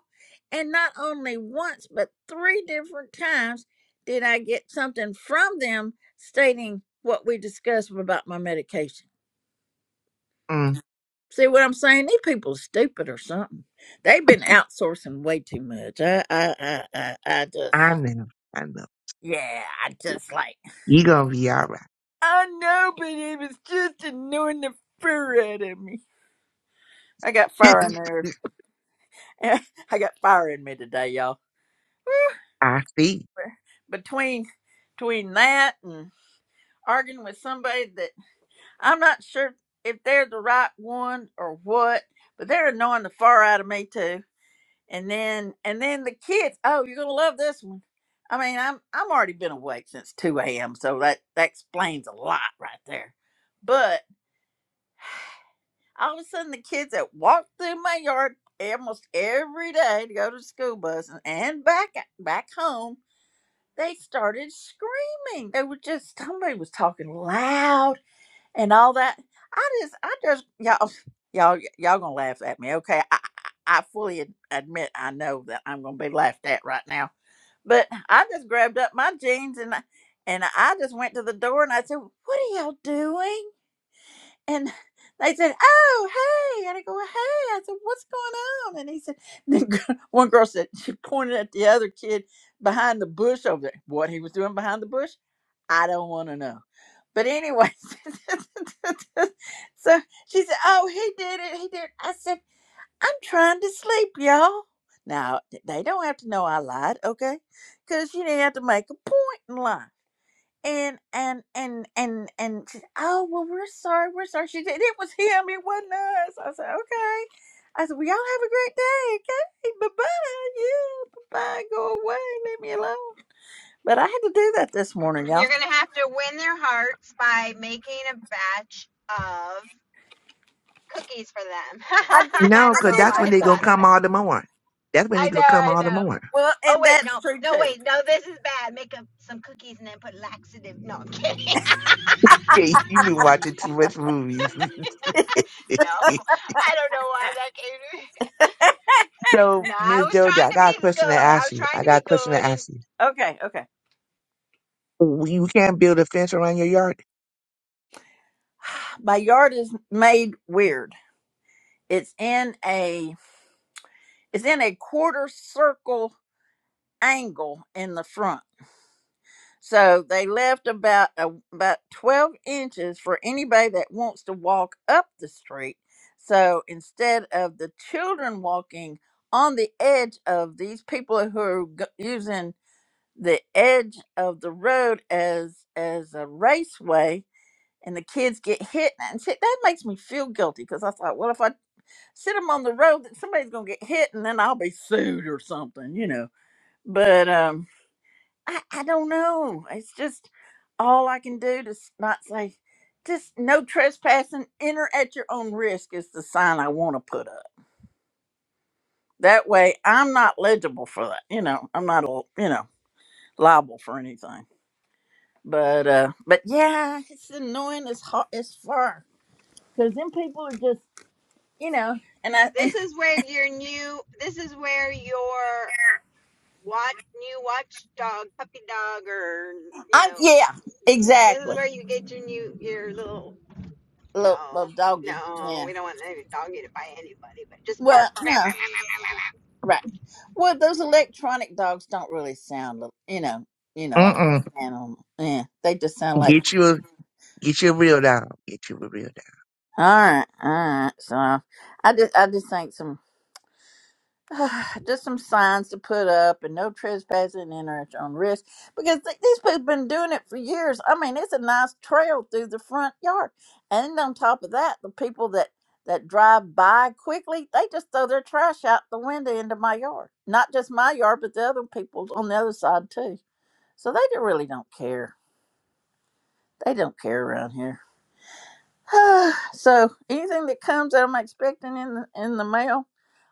[SPEAKER 1] and not only once, but three different times did I get something from them stating what we discussed about my medication.
[SPEAKER 5] Mm,
[SPEAKER 1] See what I'm saying? These people are stupid or something. They've been outsourcing way too much. I, I, I, I, I
[SPEAKER 5] I
[SPEAKER 1] just,
[SPEAKER 5] know. I know.
[SPEAKER 1] yeah, I just like,
[SPEAKER 5] You gonna be all right.
[SPEAKER 1] I know, but it was just annoying the fur out of me. I got fire in
[SPEAKER 5] [laughs]
[SPEAKER 1] there. [laughs] I got fire in me today, y'all.
[SPEAKER 5] I see.
[SPEAKER 1] between between that and arguing with somebody that I'm not sure if they're the right one or what, but they're annoying the far out of me too. And then and then the kids, oh, you're gonna love this one. I mean, I'm I'm already been awake since two a.m. So that that explains a lot right there. But all of a sudden, the kids that walk through my yard almost every day to go to the school bus and, and back back home they started screaming. They were just somebody was talking loud and all that. I just, I just, y'all, y'all, y'all gonna laugh at me, okay? I, I I fully ad- admit I know that I'm gonna be laughed at right now, but I just grabbed up my jeans and I, and I just went to the door and I said, "What are y'all doing?" and they said, "Oh, hey!" And I go, "Well, "Hey!" I said, "What's going on?" And he said, the gir- [laughs] "One girl said she pointed at the other kid behind the bush over there. What he was doing behind the bush, I don't want to know." But anyway, [laughs] so she said, "Oh, he did it. He did." It. I said, "I'm trying to sleep, y'all." Now they don't have to know I lied, okay? Because you didn't have to make a point in lying and and and and and she said, oh well we're sorry we're sorry she said it was him it wasn't us i said okay i said well y'all have a great day okay bye-bye yeah bye-bye go away leave me alone but i had to do that this morning y'all
[SPEAKER 2] You're going to have to win their hearts by making a batch of cookies for them. [laughs]
[SPEAKER 1] i did
[SPEAKER 2] I
[SPEAKER 5] No,
[SPEAKER 2] don't
[SPEAKER 1] i
[SPEAKER 5] cause
[SPEAKER 2] know
[SPEAKER 1] did
[SPEAKER 5] that's
[SPEAKER 2] why
[SPEAKER 5] when
[SPEAKER 2] I
[SPEAKER 1] think
[SPEAKER 5] they
[SPEAKER 1] about
[SPEAKER 5] gonna
[SPEAKER 1] that
[SPEAKER 2] thought of
[SPEAKER 5] come
[SPEAKER 2] that.
[SPEAKER 5] all the more. That's when they
[SPEAKER 2] I
[SPEAKER 5] gonna come all
[SPEAKER 2] know,
[SPEAKER 5] the
[SPEAKER 2] I know.
[SPEAKER 5] more. [laughs]
[SPEAKER 1] well
[SPEAKER 2] Oh,
[SPEAKER 1] and
[SPEAKER 2] wait,
[SPEAKER 1] that's
[SPEAKER 2] no,
[SPEAKER 1] true
[SPEAKER 2] no,
[SPEAKER 1] too
[SPEAKER 2] wait, no, this is bad. Make up some cookies and then put laxative. No, I'm [laughs] kidding.
[SPEAKER 5] Hey, you been watching too much movies.
[SPEAKER 2] No,
[SPEAKER 5] [laughs]
[SPEAKER 2] I don't know why that came to me.
[SPEAKER 5] so,
[SPEAKER 2] No, I
[SPEAKER 5] Miss
[SPEAKER 2] was trying
[SPEAKER 5] Joda, I
[SPEAKER 2] to be
[SPEAKER 5] got a question to
[SPEAKER 2] good. I
[SPEAKER 5] ask
[SPEAKER 2] was
[SPEAKER 5] you.
[SPEAKER 2] trying
[SPEAKER 5] I
[SPEAKER 2] to
[SPEAKER 5] got
[SPEAKER 2] be
[SPEAKER 5] a question to
[SPEAKER 2] good and.
[SPEAKER 5] ask you.
[SPEAKER 1] okay okay
[SPEAKER 5] You can't build a fence around your yard.
[SPEAKER 1] my yard is made weird it's in a it's in a quarter circle angle in the front So they left about uh, about 12 inches for anybody that wants to walk up the street. So instead of the children walking on the edge of these people who are g- using the edge of the road as as a raceway and the kids get hit and see, that makes me feel guilty because I thought, well, if I sit them on the road, that somebody's gonna get hit and then I'll be sued or something, you know. But um, I, I don't. not say just no trespassing enter at your own risk is the sign i want to put up that way i'm uh, you know i'm not a you know liable for anything but uh but yeah it's annoying as hot as far because then people are just you know and i and
[SPEAKER 2] this is where your new this is where your what new watchdog puppy dog or
[SPEAKER 1] [laughs]
[SPEAKER 2] you
[SPEAKER 1] i'm
[SPEAKER 2] know
[SPEAKER 1] yeah
[SPEAKER 2] yeah, this is
[SPEAKER 1] exactly
[SPEAKER 2] where you get your new your little
[SPEAKER 1] little,
[SPEAKER 2] no
[SPEAKER 1] little doggy
[SPEAKER 2] no
[SPEAKER 1] yeah
[SPEAKER 2] we don't want any doggy to bite anybody but just bark
[SPEAKER 1] well right well those electronic dogs don't really sound you know you know like
[SPEAKER 5] Mm
[SPEAKER 1] an animal yeah they just sound
[SPEAKER 5] mm.
[SPEAKER 1] like
[SPEAKER 5] Get you a Get your real down. Get your real
[SPEAKER 1] All right, all right. So I just I just think some [sighs] just some signs to put up and no trespassing and or at your own risk because th- these people been doing it for years. I mean, it's a nice trail through the front yard, and on top of that, the people that that drive by quickly they just throw their trash out the window into my yard. Not just my yard, but the other people's on the other side too. So they don't- really don't care. They don't care around here. [sighs] so anything that comes that I'm expecting in the, in the mail.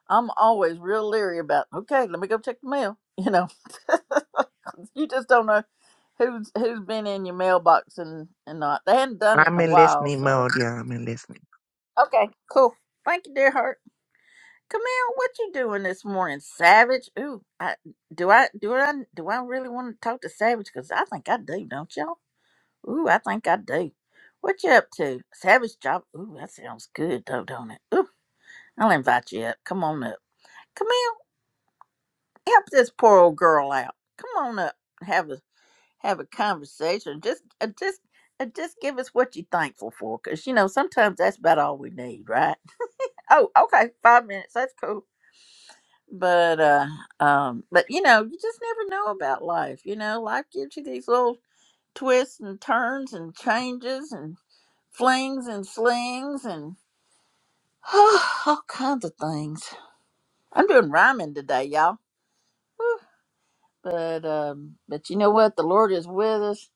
[SPEAKER 1] I'm always real leery about. Okay, let me go check the mail. You know, [laughs] you just don't know who's who's been in your mailbox and and not. They hadn't done
[SPEAKER 5] down.
[SPEAKER 1] it
[SPEAKER 5] I'm
[SPEAKER 1] in a
[SPEAKER 5] in
[SPEAKER 1] while,
[SPEAKER 5] listening
[SPEAKER 1] so
[SPEAKER 5] mode, y'all. I'm in listening.
[SPEAKER 1] okay, cool. Thank you, dear heart. Camille, what you doing this morning, Savage? Ooh, I, do I do I do I really want to talk to Savage? Because I think I do, don't y'all? Ooh, I think I do. What you up to, Savage? Job? Ooh, that sounds good though, don't it? Ooh, I'll invite you up. Come on up, Camille. Help this poor old girl out. Come on up have a have a conversation. Just, uh, just, uh, just give us what you're thankful for, because you know sometimes that's about all we need, right? Oh, okay, five minutes. That's cool. But, uh, um, but you know, you just never know about life. You know, life gives you these little twists and turns and changes and flings and slings and [sighs] all kinds of things. I'm doing rhyming today, y'all. but um but you know what the lord is with us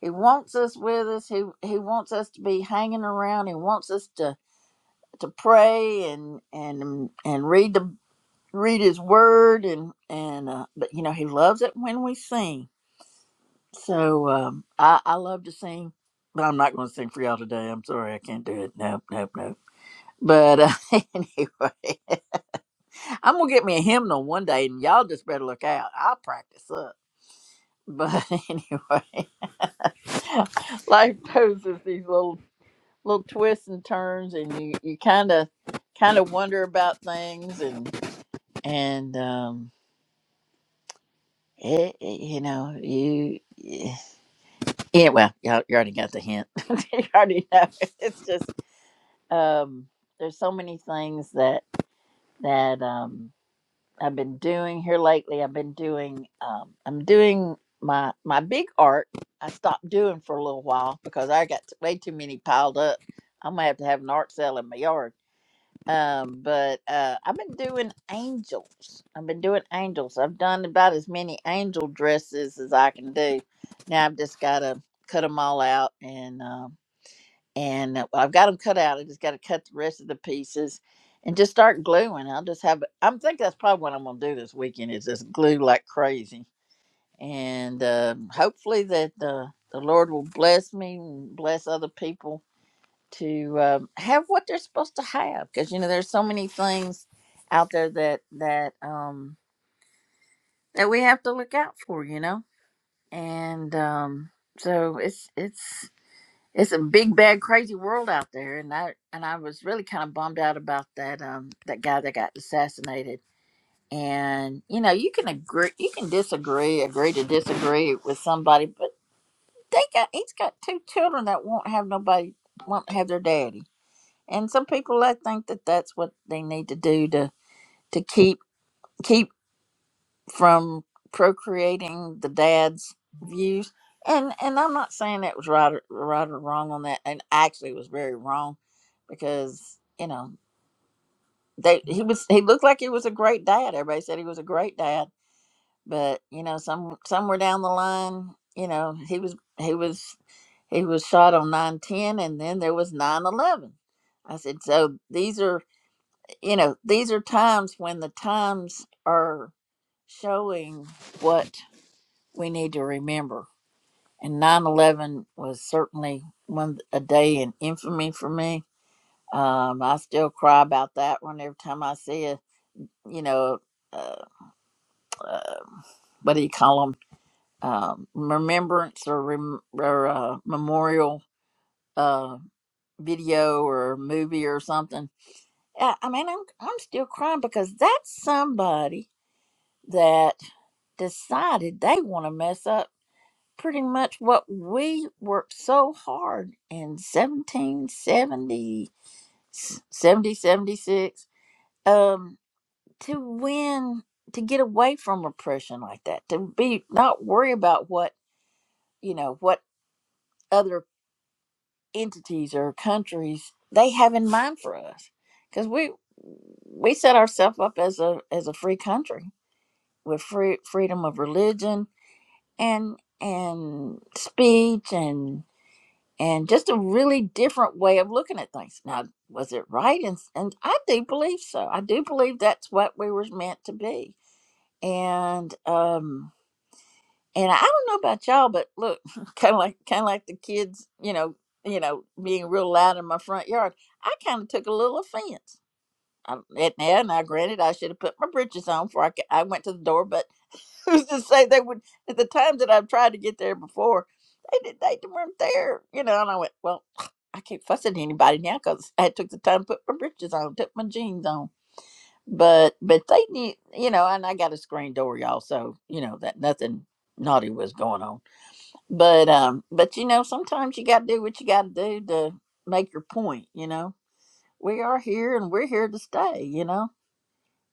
[SPEAKER 1] he wants us with us he he wants us to be hanging around he wants us to to pray and and um, and read the read his word and and uh, but you know he loves it when we sing so um i i love to sing but i'm not going to sing for y'all today i'm sorry i can't do it nope nope nope but uh, [laughs] anyway i'm going to get me a hymnal one day and y'all just better look out i'll practice up but [laughs] anyway [laughs] life poses these little little twists and turns and you you kind of kind of wonder about things and and um it, it- you know you yeah well you you already got the hint [laughs] you already know it's just um there's so many things that that um I've been doing here lately. I've been doing um, I'm doing my my big art. I stopped doing for a little while because I got t- way too many piled up. I'm gonna have to have an art sale in my yard. Um, but uh, I've been doing angels. I've been doing angels. I've done about as many angel dresses as I can do. Now I've just gotta cut them all out and uh, and uh, I've got them cut out. I just got to cut the rest of the pieces and just start gluing. I'll just have. I'm thinking that's probably what I'm gonna do this weekend is just glue like crazy, and um, hopefully that uh, the Lord will bless me and bless other people to um, have what they're supposed to have because you know there's so many things out there that that um that we have to look out for you know and um so it's it's it's a big bad crazy world out there and i and i was really kind of bummed out about that um that guy that got assassinated and you know you can agree you can disagree agree to disagree with somebody but they got he's got two children that won't have nobody won't have their daddy and some people i think that that's what they need to do to to keep keep from procreating the dad's views. And and I'm not saying that was right or, right or wrong on that. And actually, it was very wrong because you know they he was he looked like he was a great dad. Everybody said he was a great dad, but you know some somewhere down the line, you know he was he was he was shot on nine ten, and then there was nine eleven. I said, so these are you know these are times when the times are what we remember. And nine eleven. one again me uh, about that yeah, you know uh, what do you call them um, remembrance or, rem- or uh, memorial uh, video or movie or something yeah, i mean I'm, I'm still crying because that's somebody that decided they want to mess up pretty much what we worked so hard in 1770 70 seventy, 76 Um, to win to get away from oppression like that to be not worry about what you know what other entities or countries they have in mind for us because we we set ourselves up as a as a free country with free freedom of religion and and speech and and just a really different way of looking at things now was it right and, and i do believe so i do believe that's what we were meant to be and um and I don't know about y'all, but look, [laughs] kind of like kind of like the kids, you know, you know, being real loud in my front yard. I kind of took a little offense. I, and now, now, granted, I should have put my britches on before I, ca- I went to the door, but [laughs] who's to say they would? At the times that I've tried to get there before, they did they weren't there, you know. And I went, well, [sighs] [sniffs] I can't fuss at anybody now because I took the time to put my britches on, took my jeans on. But but they need, you know, and I got a screen door, y'all, so you know that nothing naughty was going on but um, but you know, sometimes you got to do what you got to do to make your point. You know, we are here and we're here to stay. You know,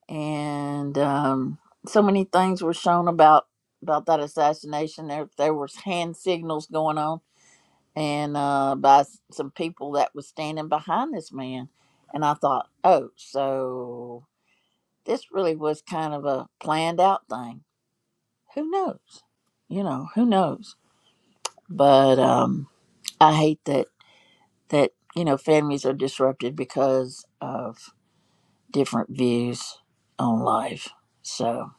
[SPEAKER 1] and um, so many things were shown about about that assassination. There there was hand signals going on, and uh, by s- some people that was standing behind this man. And I thought, oh, so this really was kind of a planned out thing. Who knows? You know, who knows? But um, I hate that that you know of different on life. So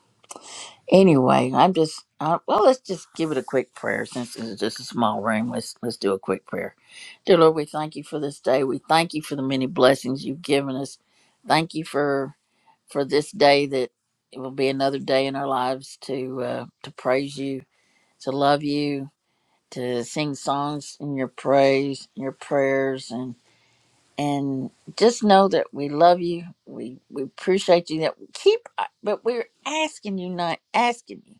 [SPEAKER 1] anyway, I'm just uh, well. Let's just give it a quick prayer since this is just a small room. Let's let's do a quick prayer. Dear Lord, we thank you for this day. We thank you for the many blessings you've given us. Thank you for for this day that it will be another day in our lives to uh, to praise you, to love you, to sing songs in your praise, in your prayers, and. and just know that we love you. We we appreciate you. That we keep, uh, but we're asking you, not asking you.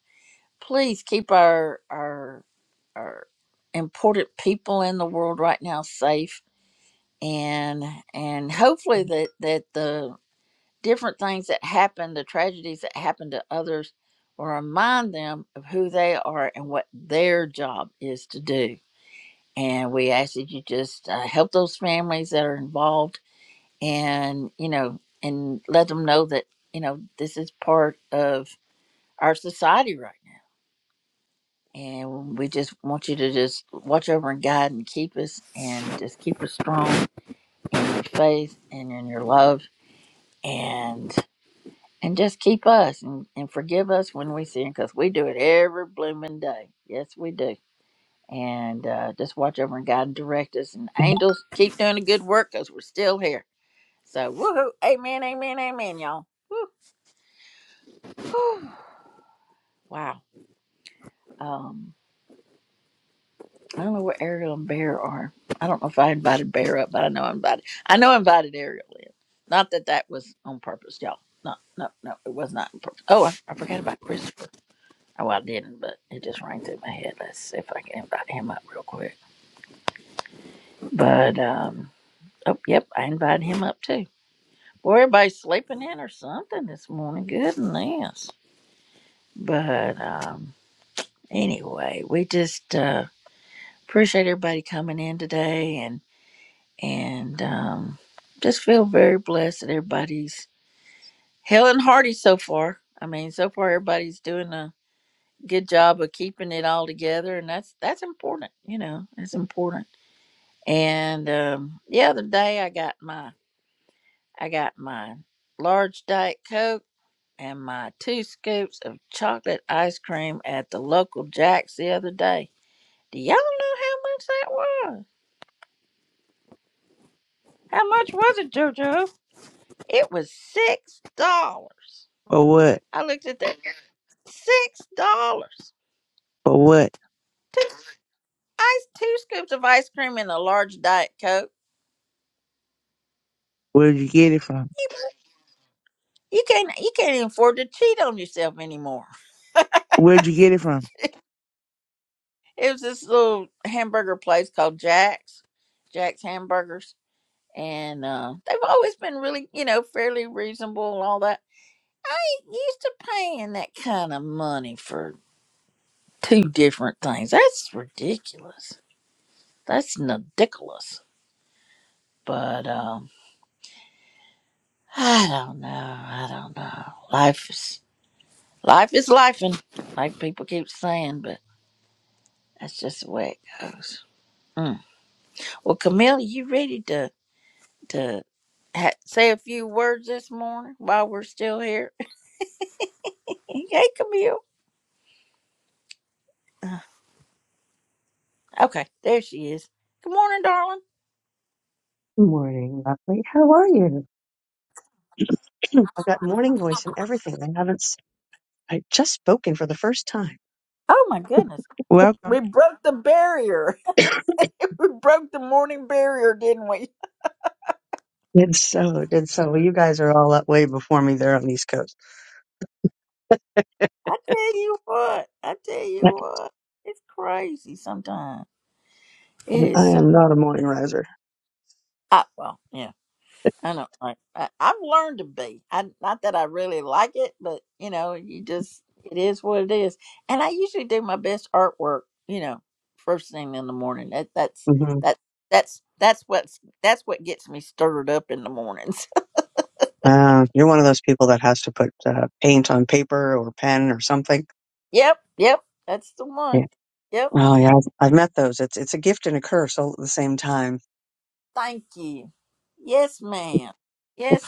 [SPEAKER 1] Please keep our our our important people in the world right now safe, and and hopefully that that the different things that happen, the tragedies that happen to others, will remind them of who they are and what their job is to do. And we ask that you just uh, help those families that are involved and you know and let them know that you know this is part of our society right now and we just want you to just watch over and guide and keep us and just keep us strong in your faith and in your love and and just keep us and, and forgive us when we sin because we do it every blooming day yes we do and uh, just watch over and guide and direct us and angels keep doing the good work because we're still here so woohoo amen amen amen y'all [sighs] Wow. Um, I don't know where Ariel and Bear are. I don't know if I invited Bear up, but I know I invited. I know I invited Ariel in. Not that that was on purpose, y'all. No, no, no, it was not on purpose. Oh, I, I forgot about Christopher. Oh, I didn't, but it just rang through my head. Let's see if I can invite him up real quick. But um, oh, yep, I invited him up too. Boy, everybody's sleeping in or something this morning. Goodness. But um, anyway, we just uh, appreciate everybody coming in today and and um, just feel very blessed that everybody's hell and hearty so far. I mean, so far everybody's doing a good job of keeping it all together, and that's that's important. You know, it's important. And um, the other day, I got my I got my large diet coke and my two scoops of chocolate ice cream at the local Jack's the other day. Do y'all know how much that was? How much was it, JoJo? It was six dollars.
[SPEAKER 5] For what?
[SPEAKER 1] I looked at that. Six dollars.
[SPEAKER 5] For what?
[SPEAKER 1] Two scoops of ice cream and a large diet coke.
[SPEAKER 5] Where'd you get it from?
[SPEAKER 1] You can't you can't even afford to cheat on yourself anymore.
[SPEAKER 5] Where'd you get it from?
[SPEAKER 1] It was this little hamburger place called Jack's, Jack's Hamburgers. And uh, they've always been really, you know, fairly reasonable and all that. You used to paying that kind of money for two different things. That's ridiculous. That's ridiculous. But um, I don't know. I don't know. Life is Life is lifing, like people keep saying, but that's just the way it goes. Mm. Well, Camille, you ready to to ha- say a few words this morning while we're here? Hey, Camille. Okay, there she is. Good morning, darling.
[SPEAKER 6] Good morning, lovely. How are you? I've got morning voice and everything. I haven't, s- I just spoken for the first time.
[SPEAKER 1] Oh my goodness,
[SPEAKER 5] Welcome.
[SPEAKER 1] We broke the barrier.
[SPEAKER 6] [coughs]
[SPEAKER 1] [laughs] we broke the morning barrier, didn't we?
[SPEAKER 6] Did so, did so. Well, you guys are all up way before me there on the East Coast.
[SPEAKER 1] I tell you what, I tell you
[SPEAKER 6] I
[SPEAKER 1] what, it's crazy sometimes. It is
[SPEAKER 6] I
[SPEAKER 1] so.
[SPEAKER 6] am not a morning riser.
[SPEAKER 1] I, well, yeah. I know, right? I, I've learned to be. I not that I really like it, but you know, you just it is what it is. And I usually do my best artwork, you know, first thing in the morning. That that's
[SPEAKER 6] hmm
[SPEAKER 1] that that's that's what's that's what gets me stirred up in the mornings.
[SPEAKER 6] Uh, you're one of those people that has to put uh, paint on paper or pen or something.
[SPEAKER 1] [laughs] yep, yep, that's the one.
[SPEAKER 6] Yeah.
[SPEAKER 1] Yep,
[SPEAKER 6] Oh yeah, I've, I've met those. It's it's a gift and a curse all at the same time.
[SPEAKER 1] thank you. Yes, ma'am. Yes.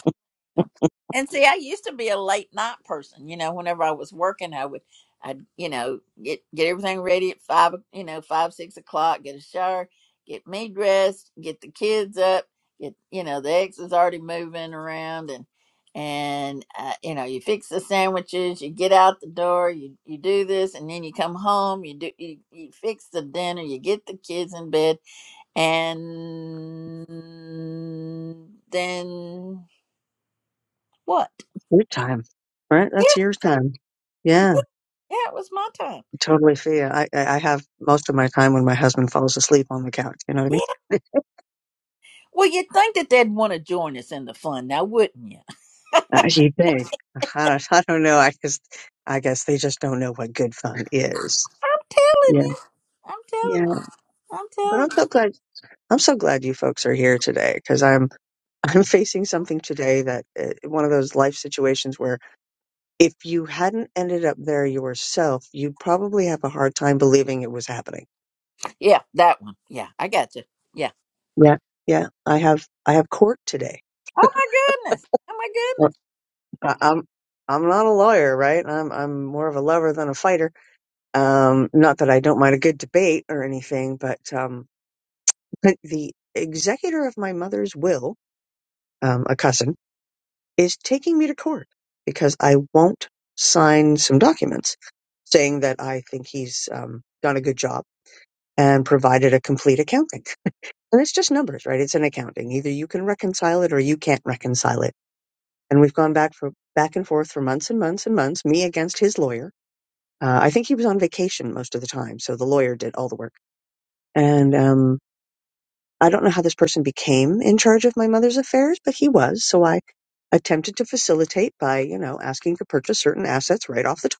[SPEAKER 1] know. And see, I used to be a late night person. You know, whenever I was working, I would, I'd, you know, get get everything ready at five, you know, five six o'clock. Get a shower, get me dressed, get the kids up, get, you know, the ex is already moving around, and and uh, you know, you fix the sandwiches, you get out the door, you you do this, and then you come home, you do you, you fix the dinner, you get the kids in bed, and then what?
[SPEAKER 6] Your time,
[SPEAKER 1] [laughs]
[SPEAKER 6] right? That's your time.
[SPEAKER 1] Yeah,
[SPEAKER 6] Yeah.
[SPEAKER 1] it was my time.
[SPEAKER 6] totally fair. I, I I have most of my time when my husband falls asleep on the couch. You know what I
[SPEAKER 1] Yeah.
[SPEAKER 6] mean?
[SPEAKER 1] Well, you'd think that they'd want to join us in the fun now, wouldn't you?
[SPEAKER 6] [laughs] As you think. [laughs] I don't, I don't know. I guess, I guess they just don't know what good fun is.
[SPEAKER 1] I'm telling
[SPEAKER 6] Yeah.
[SPEAKER 1] you. I'm
[SPEAKER 6] Yeah.
[SPEAKER 1] telling you. I'm
[SPEAKER 6] But
[SPEAKER 1] telling
[SPEAKER 6] I'm so
[SPEAKER 1] you.
[SPEAKER 6] glad. I'm so glad you folks are here today because I'm, [laughs] I'm facing something today that uh, one of those life situations where if you hadn't ended up there yourself, you'd probably have a hard time believing it was happening.
[SPEAKER 1] Yeah, that one. Yeah, I got you. Yeah.
[SPEAKER 6] Yeah. Yeah. I have, I have court today.
[SPEAKER 1] Oh my goodness. Oh my goodness.
[SPEAKER 6] I- I'm I'm not a lawyer, right? I'm I'm more of a lover than a fighter. Um, not that I don't mind a good debate or anything, but um, but the executor of my mother's will, um, a cousin, is taking me to court because I won't sign some documents saying that I think he's um, done a good job and provided a complete accounting. And it's just numbers, right? It's an accounting. Either you can reconcile it or you can't reconcile it. And we've gone back for back and forth for months and months and months, me against his lawyer Uh, I think he was on vacation most of the time, so the lawyer did all the work. And um, I don't know how this person became in charge of my mother's affairs, but he was. So I attempted to facilitate by, you know, asking to purchase certain assets right off the top.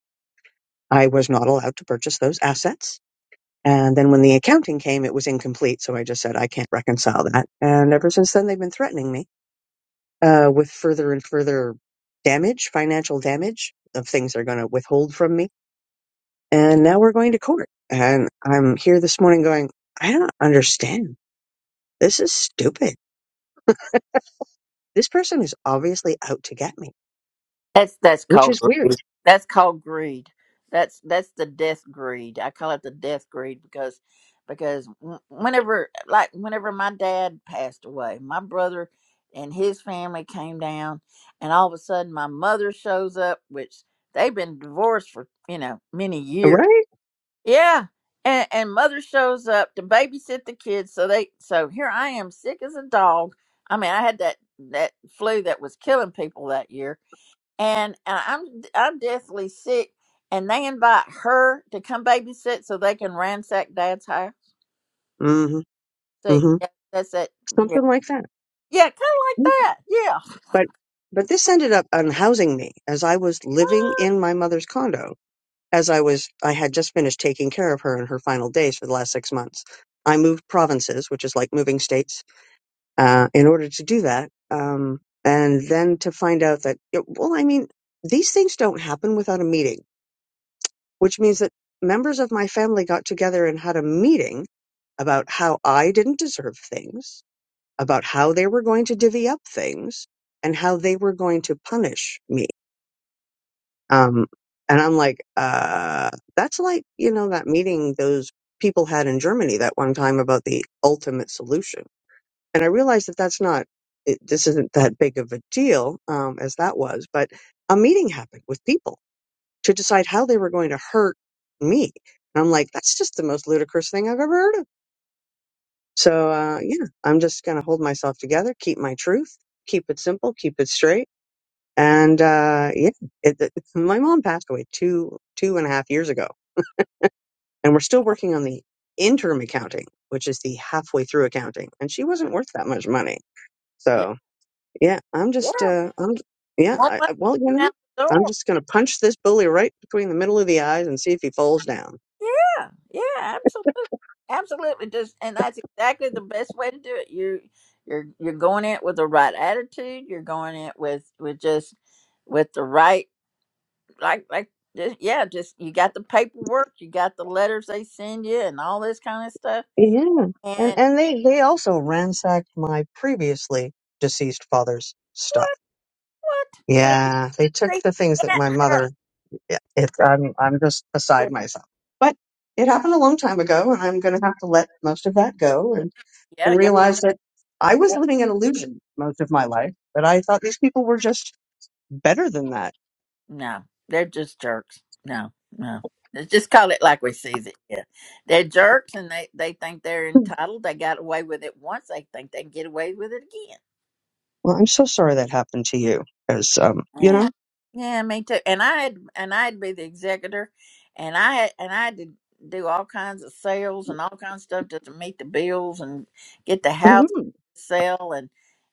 [SPEAKER 6] I was not allowed to purchase those assets. And then when the accounting came, it was incomplete. So I just said, I can't reconcile that. And ever since then, they've been threatening me uh, with further and further damage, financial damage of things they're going to withhold from me and now we're going to court. And I'm here this morning going, I don't understand. This is stupid. This person is obviously out to get me,
[SPEAKER 1] That's that's
[SPEAKER 6] which
[SPEAKER 1] called
[SPEAKER 6] is weird,
[SPEAKER 1] That's called greed. That's that's the death greed. I call it the death greed because because wh- whenever like whenever my dad passed away, my brother and his family came down, and all of a sudden my mother shows up, which they've been divorced for you know many years.
[SPEAKER 6] right?
[SPEAKER 1] Yeah. And, and mother shows up to babysit the kids so they so here i am sick as a dog i mean i had that that flu that was killing people that year and uh, I'm I'm deathly sick, and they invite her to come babysit so they can ransack Dad's house.
[SPEAKER 6] hmm
[SPEAKER 1] See,
[SPEAKER 6] hmm
[SPEAKER 1] yeah, that's it. Yeah,
[SPEAKER 6] Something like that.
[SPEAKER 1] yeah, kind of like that. Yeah,
[SPEAKER 6] But but this ended up unhousing me as I was living in my mother's condo. As I was, I had just finished taking care of her in her final days for the last six months. I moved provinces, which is like moving states uh, in order to do that. Um, and then to find out that, yeah, well, I mean, these things don't happen without a meeting, which means that members of my family got together and had a meeting about how I didn't deserve things, about how they were going to divvy up things, and how they were going to punish me. Um, and I'm like, uh, that's like, you know, that meeting those people had in Germany that one time about the ultimate solution and I realize that that's not it, this isn't that big of a deal um, as that was, but a meeting happened with people to decide how they were going to hurt me, and I'm like, that's just the most ludicrous thing I've ever heard of. So uh, yeah, I'm just gonna hold myself together, keep my truth, keep it simple, keep it straight, and uh, yeah, it, it, [laughs] my mom passed away two two and a half years ago, and we're still working on the interim accounting, which is the halfway through accounting, and she wasn't worth that much money.
[SPEAKER 1] yeah,
[SPEAKER 6] So Yeah, I'm
[SPEAKER 1] yeah.
[SPEAKER 6] just, uh, I'm, yeah,
[SPEAKER 1] One
[SPEAKER 6] I,
[SPEAKER 1] month
[SPEAKER 6] I, well, you know,
[SPEAKER 1] out
[SPEAKER 6] what?
[SPEAKER 1] the
[SPEAKER 6] I'm
[SPEAKER 1] door.
[SPEAKER 6] just going to punch this bully right between the middle of the eyes and see if he falls down.
[SPEAKER 1] Yeah, yeah, absolutely, absolutely. Just and that's exactly the best way to do it. You you're you're going in with the right attitude. You're going in with with just with the right like like. Just, yeah, just you got the paperwork, you got the letters they send you, and all this kind of stuff
[SPEAKER 6] Yeah, and
[SPEAKER 1] And
[SPEAKER 6] and they they also ransacked my previously deceased father's stuff.
[SPEAKER 1] what? See,
[SPEAKER 6] Yeah, they took
[SPEAKER 1] see,
[SPEAKER 6] the things that
[SPEAKER 1] that
[SPEAKER 6] my
[SPEAKER 1] hurt.
[SPEAKER 6] mother. yeah, It, I'm I'm just
[SPEAKER 1] They-
[SPEAKER 6] beside myself. But it happened a long time ago, and I'm going to have to let most of that go and and
[SPEAKER 1] Yeah, go.
[SPEAKER 6] realize that I was living an illusion most of my life. But I thought these people were just better than that.
[SPEAKER 1] No, they're just jerks. No, no. Let's just call it like we sees it. Yeah, they're jerks, and they they think they're entitled. They got away with it once. They think they can get away with it again.
[SPEAKER 6] Well, I'm so sorry that happened to you, because um, you
[SPEAKER 1] Yeah,
[SPEAKER 6] know,
[SPEAKER 1] yeah, me too. And I had and I'd be the executor, and I had and I had to do all kinds of sales and all kinds of stuff just to meet the bills and get the house.
[SPEAKER 6] hmm
[SPEAKER 1] sell and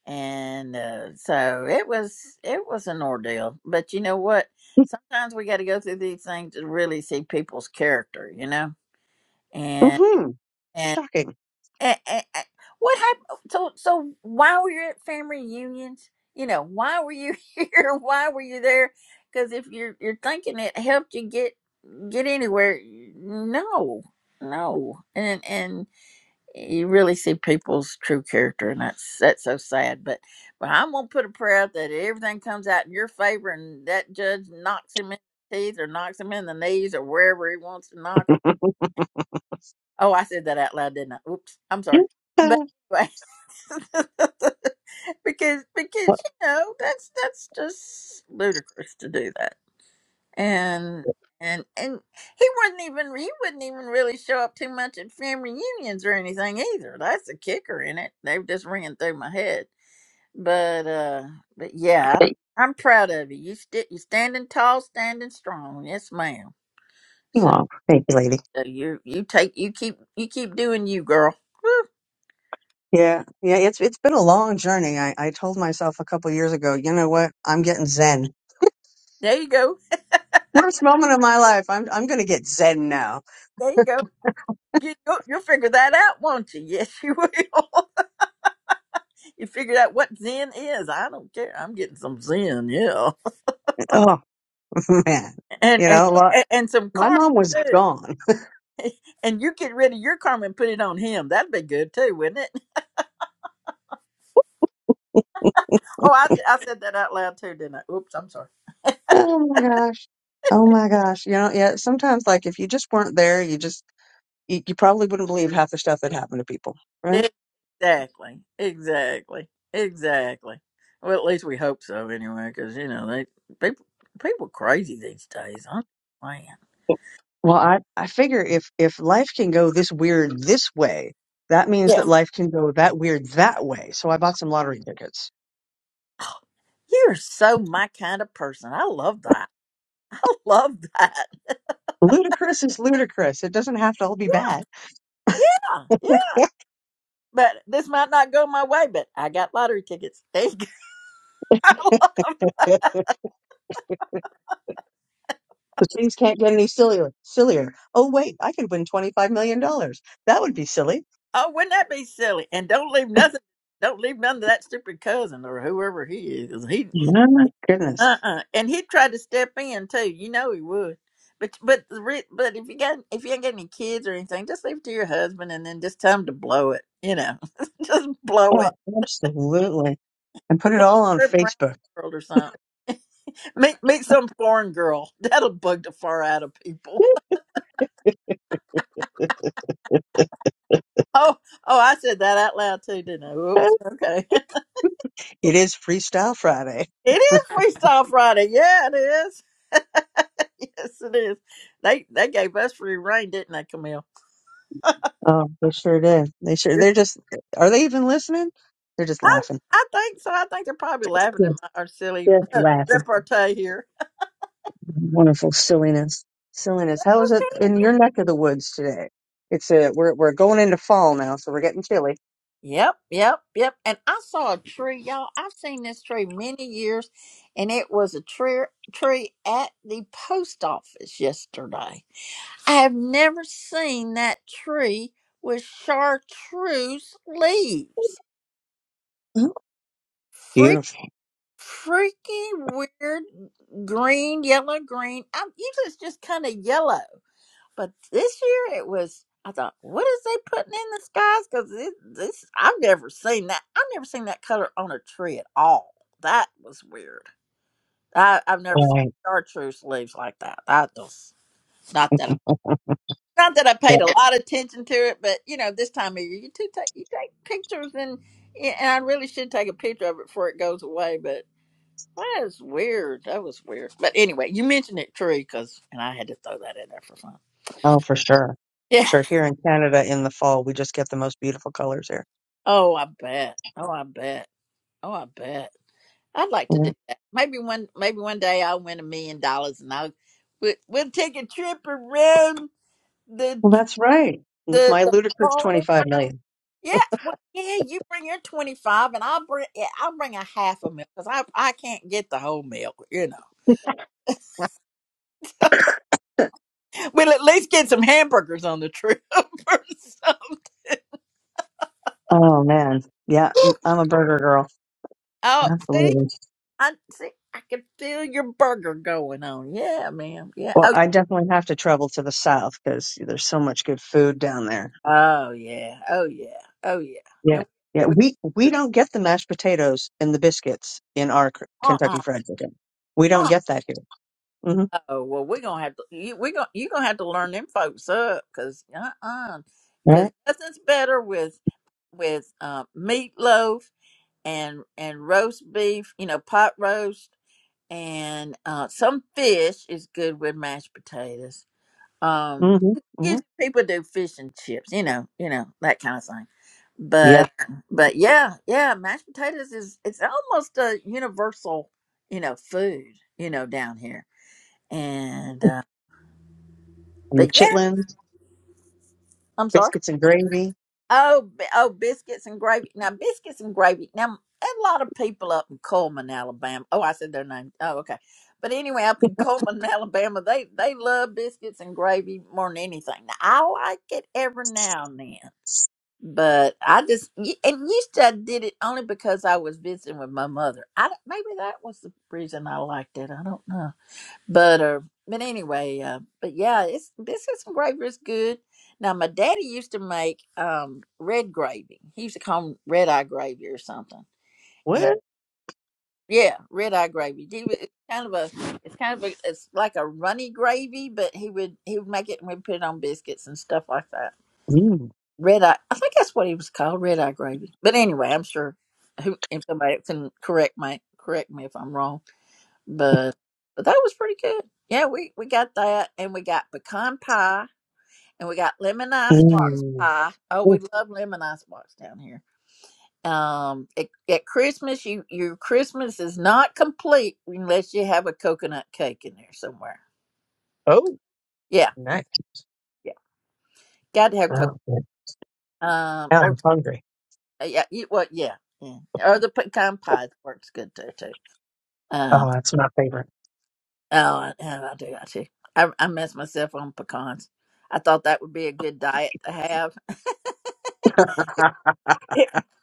[SPEAKER 1] and uh, so it was it was an ordeal but you know what sometimes we got to go through these things to really see people's character you know and
[SPEAKER 6] hmm
[SPEAKER 1] and,
[SPEAKER 6] shocking.
[SPEAKER 1] and, and and what happened so so why were you at family reunions you know why were you [laughs] here why were you there because if you're you're thinking it helped you get get anywhere no no and and you really see people's true character, and that's that's so sad. But but I'm gonna put a prayer out that everything comes out in your favor, and that judge knocks him in the teeth, or knocks him in the knees, or wherever he wants to knock him.
[SPEAKER 6] [laughs]
[SPEAKER 1] Oh, I said that out loud, didn't I? Oops, I'm sorry.
[SPEAKER 6] Yeah.
[SPEAKER 1] But anyway, [laughs] because because you
[SPEAKER 6] Well,
[SPEAKER 1] know that's that's just ludicrous to do that and and and he wouldn't even he wouldn't even really show up too much at family reunions or anything either. That's the kicker in it. They were just ringing through my head, but uh, but yeah,
[SPEAKER 6] thank
[SPEAKER 1] I'm proud of you. You st- you standing tall, standing strong. Yes, ma'am.
[SPEAKER 6] you,
[SPEAKER 1] So
[SPEAKER 6] all. Thank you, lady.
[SPEAKER 1] uh, you you take you keep you keep doing you, girl.
[SPEAKER 6] Yeah, yeah, it's it's been a long journey. I, I told myself a couple years ago, you know what? I'm getting zen.
[SPEAKER 1] There you go.
[SPEAKER 6] Worst moment of my life. I'm I'm gonna get zen now.
[SPEAKER 1] There you go. You, you'll you'll figure that out, won't you? [laughs] Yes, you will. [laughs] you figure out what Zen is. I don't care. I'm getting some Zen. Yeah.
[SPEAKER 6] [laughs] Oh man,
[SPEAKER 1] and
[SPEAKER 6] you
[SPEAKER 1] and
[SPEAKER 6] know what?
[SPEAKER 1] and some
[SPEAKER 6] My
[SPEAKER 1] car
[SPEAKER 6] mom was gone. [laughs]
[SPEAKER 1] and you get rid of your karma and put it on him. That'd be good too, wouldn't it? [laughs] Oh, I I said that out loud too, didn't I? Oops, I'm sorry.
[SPEAKER 6] Oh my gosh. Oh my gosh. You know, yeah. Sometimes, like, if you just weren't there, you just you, you probably wouldn't believe half the stuff that happened to people, right?
[SPEAKER 1] Exactly, exactly, exactly. Well, at least we hope so, anyway, because you know they people people crazy these days. I'm man,
[SPEAKER 6] Well, I I figure if if life can go this weird this way, that means
[SPEAKER 1] yeah.
[SPEAKER 6] that life can go that weird that way. So I bought some lottery tickets
[SPEAKER 1] You're so my kind of person. I love that. [laughs] I love that.
[SPEAKER 6] Ludicrous is ludicrous. It doesn't have to all be bad.
[SPEAKER 1] Yeah, yeah. but this might not go my way, but I got lottery tickets. [laughs] There you go. [laughs]
[SPEAKER 6] [laughs] The things can't get any sillier. Sillier. Oh wait, I could win twenty-five million dollars. That would be silly.
[SPEAKER 1] Oh, wouldn't that be silly? And don't leave nothing. Don't leave none to that stupid cousin or whoever he is. He
[SPEAKER 6] Oh My goodness.
[SPEAKER 1] uh uh and he'd try to step in too. You know he would. But but the re- but if you got if you ain't got any kids or anything, just leave it to your husband and then just tell him to blow it. You know, [laughs] just blow it.
[SPEAKER 6] Oh, absolutely. And put it all on
[SPEAKER 1] Trip around
[SPEAKER 6] Facebook.
[SPEAKER 1] the world or something. Meet meet some foreign girl. [laughs] That'll bug the far out of people. [laughs] Oh oh, I said that out loud too, didn't I?
[SPEAKER 6] [laughs]
[SPEAKER 1] Oops. Okay. [laughs]
[SPEAKER 6] It is Freestyle Friday.
[SPEAKER 1] It is Freestyle Friday. Yeah, it is. [laughs] Yes, it is. They they gave us free reign, didn't they, Camille?
[SPEAKER 6] Oh, they sure did. They sure. They're just. Are they even listening? They're just
[SPEAKER 1] I
[SPEAKER 6] laughing.
[SPEAKER 1] I think so. I think they're probably laughing at
[SPEAKER 6] Yes,
[SPEAKER 1] my, our silly
[SPEAKER 6] just
[SPEAKER 1] [laughs]
[SPEAKER 6] laughing.
[SPEAKER 1] repartee here.
[SPEAKER 6] Wonderful silliness. Silliness. How is it in your neck of the woods today? It's a. We're we're going into fall now, so we're getting chilly.
[SPEAKER 1] Yep, yep, yep. And I saw a tree, y'all. I've seen this tree many years, and it was a tree tree at the post office yesterday. I have never seen that tree with chartreuse leaves.
[SPEAKER 6] Mhm. Beautiful.
[SPEAKER 1] freaky weird green, yellow, green. I'm usually it's just kind of yellow, but this year it was. I thought, what is they putting in the skies? Because this, I've never seen that. I've never seen that color on a tree at all. That was weird. I, I've never seen
[SPEAKER 6] Right.
[SPEAKER 1] chartreuse leaves like that. I just not that. I, not that I
[SPEAKER 6] Yeah.
[SPEAKER 1] paid a lot of attention to it, but you know, this time of year, you do take you take pictures, and and I really should take a picture of it before it goes away. That is weird. That was weird. But anyway, you mentioned it, Tree, because and I had to throw that in there for fun. [laughs]
[SPEAKER 6] Oh, for sure.
[SPEAKER 1] Yeah.
[SPEAKER 6] Sure. Here in Canada in the fall, we just get the most beautiful colors here.
[SPEAKER 1] Oh, I bet. Oh, I bet. Oh, I bet. I'd like to do
[SPEAKER 6] Yeah.
[SPEAKER 1] that. Maybe one. Maybe one day I'll win a million dollars and I'll we, we'll take a trip around the
[SPEAKER 6] Well, that's right. With
[SPEAKER 1] the
[SPEAKER 6] my
[SPEAKER 1] the
[SPEAKER 6] ludicrous
[SPEAKER 1] fallen.
[SPEAKER 6] 25 million.
[SPEAKER 1] Yeah. Well, yeah. You bring your twenty five, and I'll bring yeah, I'll bring a half a meal because I I can't get the whole meal. You know. We'll at least get some hamburgers on the trip. [laughs] or
[SPEAKER 6] Oh, man. Yeah. m- I'm a burger girl.
[SPEAKER 1] Oh, see?
[SPEAKER 6] Absolutely.
[SPEAKER 1] I see. I can feel your burger going on. Yeah, ma'am. Yeah.
[SPEAKER 6] Well,
[SPEAKER 1] Oh,
[SPEAKER 6] I definitely have to travel to the south because there's so much good food down there.
[SPEAKER 1] oh yeah. Oh yeah. Oh yeah.
[SPEAKER 6] Yeah.
[SPEAKER 1] And
[SPEAKER 6] Yeah.
[SPEAKER 1] we,
[SPEAKER 6] We, we don't get the mashed potatoes and the biscuits in our K-
[SPEAKER 1] uh
[SPEAKER 6] Kentucky
[SPEAKER 1] uh
[SPEAKER 6] Fried Chicken. We don't
[SPEAKER 1] uh
[SPEAKER 6] get that here. Mm-hmm.
[SPEAKER 1] oh well we're gonna have to you we gonna you gonna have to learn them folks up because uh uh because
[SPEAKER 6] Right.
[SPEAKER 1] nothing's better with with uh, meatloaf and and roast beef you know pot roast and uh some fish is good with mashed potatoes um
[SPEAKER 6] Mm-hmm. Mm-hmm.
[SPEAKER 1] usually people do fish and chips you know you know that kind of thing
[SPEAKER 6] Yeah.
[SPEAKER 1] but but yeah yeah mashed potatoes is it's almost a universal you know food you know down here and uh
[SPEAKER 6] And the
[SPEAKER 1] but yeah
[SPEAKER 6] chitlins,
[SPEAKER 1] i'm sorry
[SPEAKER 6] biscuits and gravy.
[SPEAKER 1] oh bi- oh biscuits and gravy now biscuits and gravy now a lot of people up in coleman alabama oh i said their name oh okay but anyway up in coleman [laughs] alabama they they love biscuits and gravy more than anything now, i like it every now and then but I just y- and used to I did it only because I was visiting with my mother. I don't- maybe that was the reason I liked it. I don't know, but uh, but anyway, uh, but yeah, it's this is gravy is good. Now my daddy used to make um red gravy. He used to call 'em red eye gravy or something. And
[SPEAKER 6] What?
[SPEAKER 1] yeah, red eye gravy. He wa- It's kind of a it's kind of a it's like a runny gravy, but he would he would make it and we'd put it on biscuits and stuff like that.
[SPEAKER 6] Mm.
[SPEAKER 1] Red Eye. I think that's what he was called, Red Eye Gravy. But anyway, I'm sure who if somebody can correct my correct me if I'm wrong. But but that was pretty good. Yeah, we we got that, and we got pecan pie, and we got lemon icebox
[SPEAKER 6] Mm.
[SPEAKER 1] pie. Oh, we
[SPEAKER 6] Ooh.
[SPEAKER 1] love lemon icebox down here. Um, at, at Christmas, you your Christmas is not complete unless you have a coconut cake in there somewhere.
[SPEAKER 6] Oh,
[SPEAKER 1] Yeah,
[SPEAKER 6] nice.
[SPEAKER 1] yeah, got to have coconut.
[SPEAKER 6] Oh, good.
[SPEAKER 1] Um,
[SPEAKER 6] Now
[SPEAKER 1] or
[SPEAKER 6] I'm hungry.
[SPEAKER 1] uh, yeah, you, well, yeah, yeah, or the pecan pie works good too. Uh,
[SPEAKER 6] Oh, that's my favorite.
[SPEAKER 1] oh, I, I do. I do. I, I messed myself on pecans. I thought that would be a good diet to have.
[SPEAKER 6] [laughs]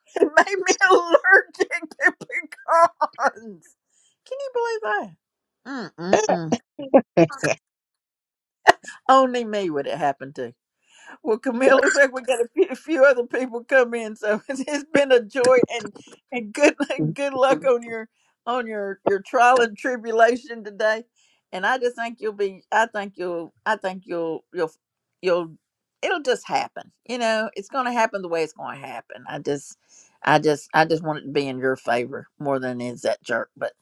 [SPEAKER 1] [laughs] it made me allergic to pecans. Can you believe that? Mm-mm-mm. Only me would it happen to. Well, Camille, looks like we got a few, a few other people come in, so [laughs] it's, it's been a joy and and good [laughs] and good luck on your on your your trial and tribulation today. And I just think you'll be. I think you'll. I think you'll. You'll. You'll. It'll just happen. You know, it's going to happen the way it's going to happen. I just. I just. I just want it to be in your favor more than it is that jerk. But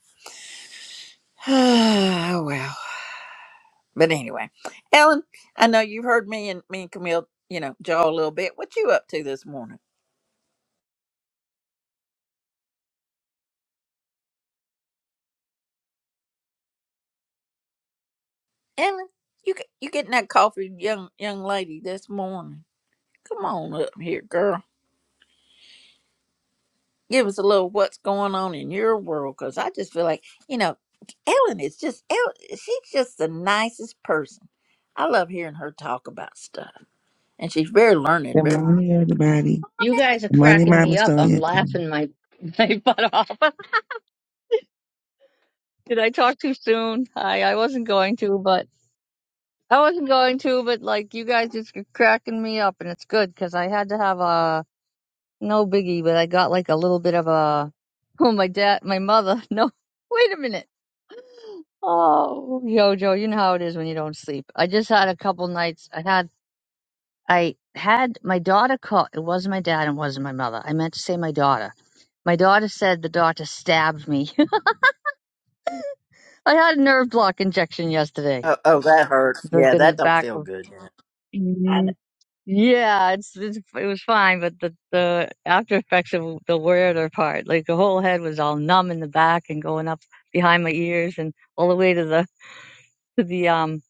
[SPEAKER 1] [sighs] oh well. But anyway, Ellen, I know you've heard me and me and Camille, you know, jaw a little bit. What you up to this morning, Ellen? You get- you getting that coffee, young young lady, this morning? Come on up here, girl. Give us a little what's going on in your world, cause I just feel like you know Ellen is just Ellen. She's just the nicest person. I love hearing her talk about stuff, and she's very learned.
[SPEAKER 5] Good
[SPEAKER 1] Very.
[SPEAKER 5] morning, everybody.
[SPEAKER 7] You guys are
[SPEAKER 5] Good morning,
[SPEAKER 7] cracking
[SPEAKER 5] Mama
[SPEAKER 7] me up. I'm
[SPEAKER 5] Sonia. Come on.
[SPEAKER 7] laughing my [laughs] my butt off. [laughs] Did I talk too soon? I I wasn't going to, but I wasn't going to, but like you guys just are cracking me up, and it's good because I had to have a no biggie, but I got like a little bit of a [laughs] oh my dad, my mother. [laughs] No, wait a minute. [gasps] Oh, Jojo, you know how it is when you don't sleep. I just had a couple nights. I had. I had my daughter call. It wasn't my dad and wasn't my mother. I meant to say my daughter. My daughter said the doctor stabbed me. [laughs] I had a nerve block injection yesterday.
[SPEAKER 1] Oh, oh that hurts.
[SPEAKER 7] It was
[SPEAKER 1] Yeah,
[SPEAKER 7] in the
[SPEAKER 1] that don't
[SPEAKER 7] back
[SPEAKER 1] feel
[SPEAKER 7] of.
[SPEAKER 1] good.
[SPEAKER 7] Mhm. Yeah, it's, it's it was fine, but the the after effects of the weirder part, like the whole head was all numb in the back and going up behind my ears and all the way to the to the um.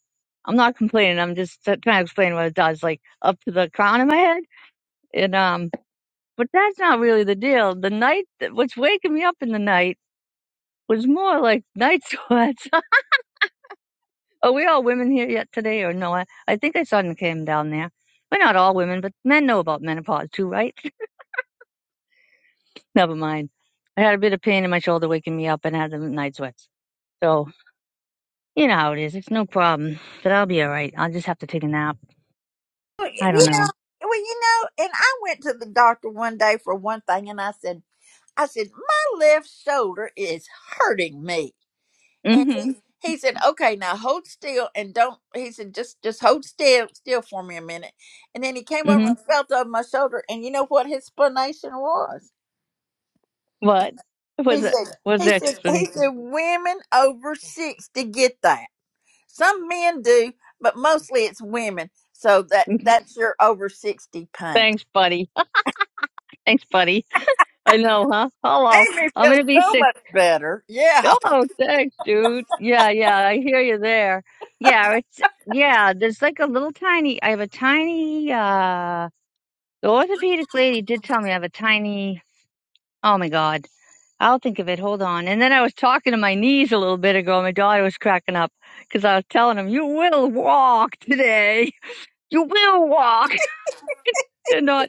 [SPEAKER 7] I'm not complaining. I'm just t- trying to explain what it does, like up to the crown of my head. and um. But that's not really the deal. The night, that- what's waking me up in the night was more like night sweats. [laughs] Are we all women here yet today or no? I, I think I saw them came down there. We're not all women, but men know about menopause too, right? [laughs] Never mind. I had a bit of pain in my shoulder waking me up and had the night sweats. So, you know how it is. It's no problem. But I'll be all right. I'll just have to take a nap.
[SPEAKER 1] Well,
[SPEAKER 7] I don't
[SPEAKER 1] you know,
[SPEAKER 7] know.
[SPEAKER 1] well, you know, and I went to the doctor one day for one thing, and I said, I said, my left shoulder is hurting me, and he
[SPEAKER 7] Mm-hmm.
[SPEAKER 1] he said, okay, now hold still and don't. He said, just just hold still still for me a minute, and then he came over
[SPEAKER 7] Mm-hmm.
[SPEAKER 1] and felt over my shoulder, and you know what his explanation was?
[SPEAKER 7] What? What's
[SPEAKER 1] He
[SPEAKER 7] that?
[SPEAKER 1] said,
[SPEAKER 7] What's
[SPEAKER 1] he
[SPEAKER 7] the
[SPEAKER 1] said, he
[SPEAKER 7] explanation?
[SPEAKER 1] said, women over sixty get that. Some men do, but mostly it's women. So that
[SPEAKER 7] [laughs]
[SPEAKER 1] that's your over sixty pain.
[SPEAKER 7] Thanks, buddy. [laughs] Thanks, buddy. I know, huh? Hello.
[SPEAKER 1] Made me
[SPEAKER 7] I'm
[SPEAKER 1] feel
[SPEAKER 7] gonna be
[SPEAKER 1] so
[SPEAKER 7] 60.
[SPEAKER 1] much better. Yeah.
[SPEAKER 7] Oh, thanks, dude. Yeah, yeah, I hear you there. Yeah, it's yeah, there's like a little tiny I have a tiny uh the orthopedic lady did tell me I have a tiny oh my God. I'll think of it. Hold on. And then I was talking to my knees a little bit ago. and My daughter was cracking up because I was telling him, "You will walk today. You will walk." [laughs] They're not.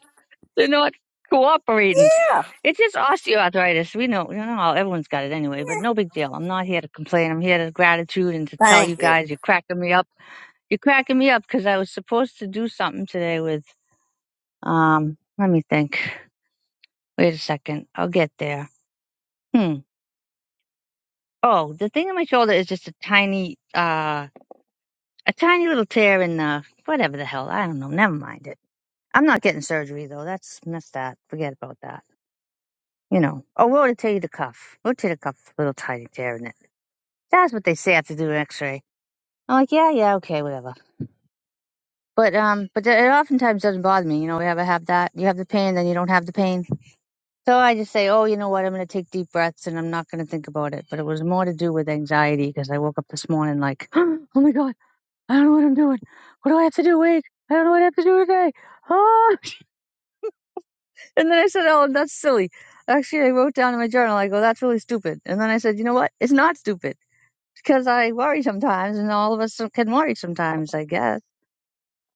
[SPEAKER 7] They're not cooperating.
[SPEAKER 1] Yeah.
[SPEAKER 7] It's just osteoarthritis. We know, you know, how everyone's got it anyway, but no big deal. I'm not here to complain. I'm here to gratitude and to tell you
[SPEAKER 1] Thank you.
[SPEAKER 7] guys you're cracking me up. You're cracking me up because I was supposed to do something today with, um, let me think. Wait a second. I'll get there. Hmm. Oh, the thing on my shoulder is just a tiny, uh, a tiny little tear in the, whatever the hell. I don't know. Never mind it. I'm not getting surgery though. That's, that's that. Forget about that. you know. Oh, we'll tell you the cuff. We'll tell you the cuff a little tiny tear in it. That's what they say after doing an X-ray. I'm like, yeah, yeah, okay, whatever. But um, but it oftentimes doesn't bother me. You know, we ever have that? You have the pain, then you don't have the pain. So I just say, oh, you know what? I'm gonna take deep breaths and I'm not gonna think about it. But it was more to do with anxiety because I woke up this morning like, [gasps] oh my god, I don't know what I'm doing. What do I have to do? Wait, I don't know what I have to do today. Oh, [laughs] and then I said, oh, that's silly. Actually, I wrote down in my journal, I go, that's really stupid. And then I said, you know what? It's not stupid because I worry sometimes, and all of us can worry sometimes, I guess.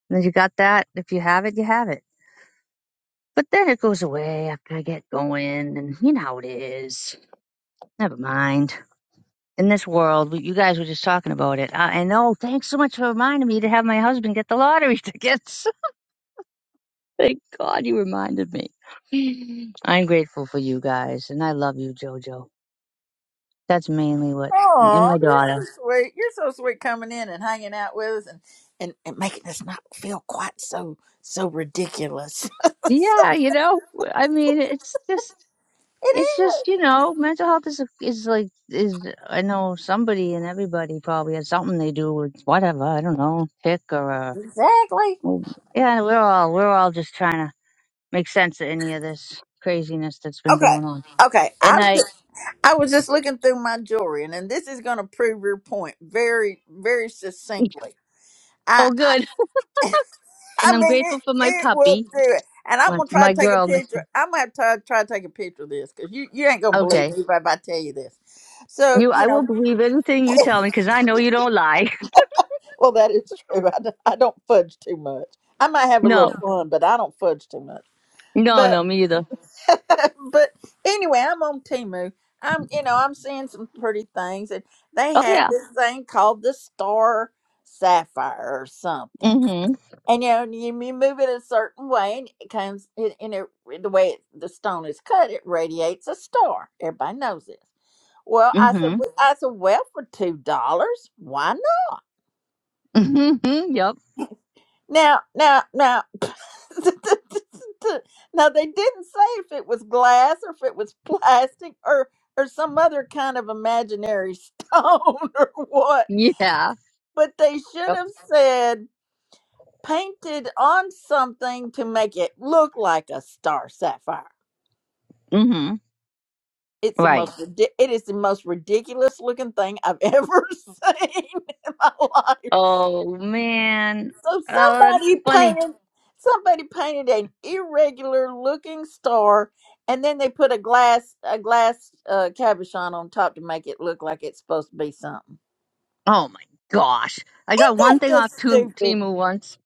[SPEAKER 7] And you got that. If you have it, you have it. But then it goes away after I get going, and you know how it is. Never mind. In this world, you guys were just talking about it. I, I know. Thanks so much for reminding me to have my husband get the lottery tickets. [laughs] Thank God you reminded me. [laughs] I'm grateful for you guys, and I love you, JoJo. That's mainly what, and
[SPEAKER 1] Oh,
[SPEAKER 7] my
[SPEAKER 1] you're
[SPEAKER 7] daughter.
[SPEAKER 1] so sweet. You're so sweet coming in and hanging out with us and, and, and making us not feel quite so so ridiculous. [laughs]
[SPEAKER 7] Yeah, you know, I mean, it's just It's just, you know, mental health is a- is like is I know somebody and everybody probably has something they do with whatever, I don't know, pick or uh,
[SPEAKER 1] Exactly.
[SPEAKER 7] well, yeah, we're all we're all just trying to make sense of any of this craziness that's been
[SPEAKER 1] okay.
[SPEAKER 7] going on.
[SPEAKER 1] Okay.
[SPEAKER 7] And
[SPEAKER 1] I'm
[SPEAKER 7] I
[SPEAKER 1] I was just looking through my jewelry and, and this is gonna prove your point very, very
[SPEAKER 7] [laughs]
[SPEAKER 1] succinctly. I
[SPEAKER 7] oh good.
[SPEAKER 1] I, [laughs] I
[SPEAKER 7] And I'm
[SPEAKER 1] mean it
[SPEAKER 7] grateful for my
[SPEAKER 1] it will
[SPEAKER 7] puppy,
[SPEAKER 1] do it. And I'm
[SPEAKER 7] my,
[SPEAKER 1] gonna try
[SPEAKER 7] my
[SPEAKER 1] to take a
[SPEAKER 7] girl
[SPEAKER 1] picture.
[SPEAKER 7] Missy.
[SPEAKER 1] I'm gonna have to try to take a picture of this because you, you ain't gonna believe
[SPEAKER 7] Okay.
[SPEAKER 1] me if I if I tell you this. So,
[SPEAKER 7] You
[SPEAKER 1] you
[SPEAKER 7] I will
[SPEAKER 1] know,
[SPEAKER 7] believe anything you tell me cuz I know you don't lie.
[SPEAKER 1] well, that is [laughs] true. I, don't- I don't fudge too much. I might
[SPEAKER 7] [laughs]
[SPEAKER 1] have a little
[SPEAKER 7] No.
[SPEAKER 1] No. fun, but I don't fudge too much.
[SPEAKER 7] No,
[SPEAKER 1] But,
[SPEAKER 7] no, me either.
[SPEAKER 1] [laughs] but anyway, I'm on Timu. I'm, you know, I'm seeing some pretty things, and they
[SPEAKER 7] Oh
[SPEAKER 1] had
[SPEAKER 7] yeah.
[SPEAKER 1] this thing called the Star Sapphire or something.
[SPEAKER 7] Mhm.
[SPEAKER 1] And you know, and you, you move it a certain way, and it comes in, in it, the way it, the stone is cut. It radiates a star. Everybody knows this. Well, I said,
[SPEAKER 7] Mhm.
[SPEAKER 1] "Well," I said, well, for two dollars, why not?
[SPEAKER 7] Mhm. [laughs] Yep.
[SPEAKER 1] Now, now, now, [laughs] now they didn't say if it was glass or if it was plastic or or some other kind of imaginary stone [laughs] or what,
[SPEAKER 7] Yeah.
[SPEAKER 1] but they
[SPEAKER 7] Yep.
[SPEAKER 1] should have said painted on something to make it look like a star sapphire.
[SPEAKER 7] hmm
[SPEAKER 1] It's the
[SPEAKER 7] Right.
[SPEAKER 1] most ridi- it is the most ridiculous looking thing I've [laughs] ever seen in my life.
[SPEAKER 7] Oh man.
[SPEAKER 1] So
[SPEAKER 7] Oh, that's
[SPEAKER 1] somebody
[SPEAKER 7] funny.
[SPEAKER 1] painted somebody painted an irregular looking star and then they put a glass a glass uh cabochon on top to make it look like it's supposed to be something.
[SPEAKER 7] Oh my gosh. I got one
[SPEAKER 1] That's
[SPEAKER 7] thing off
[SPEAKER 1] just
[SPEAKER 7] Tu-
[SPEAKER 1] stupid.
[SPEAKER 7] Timu once.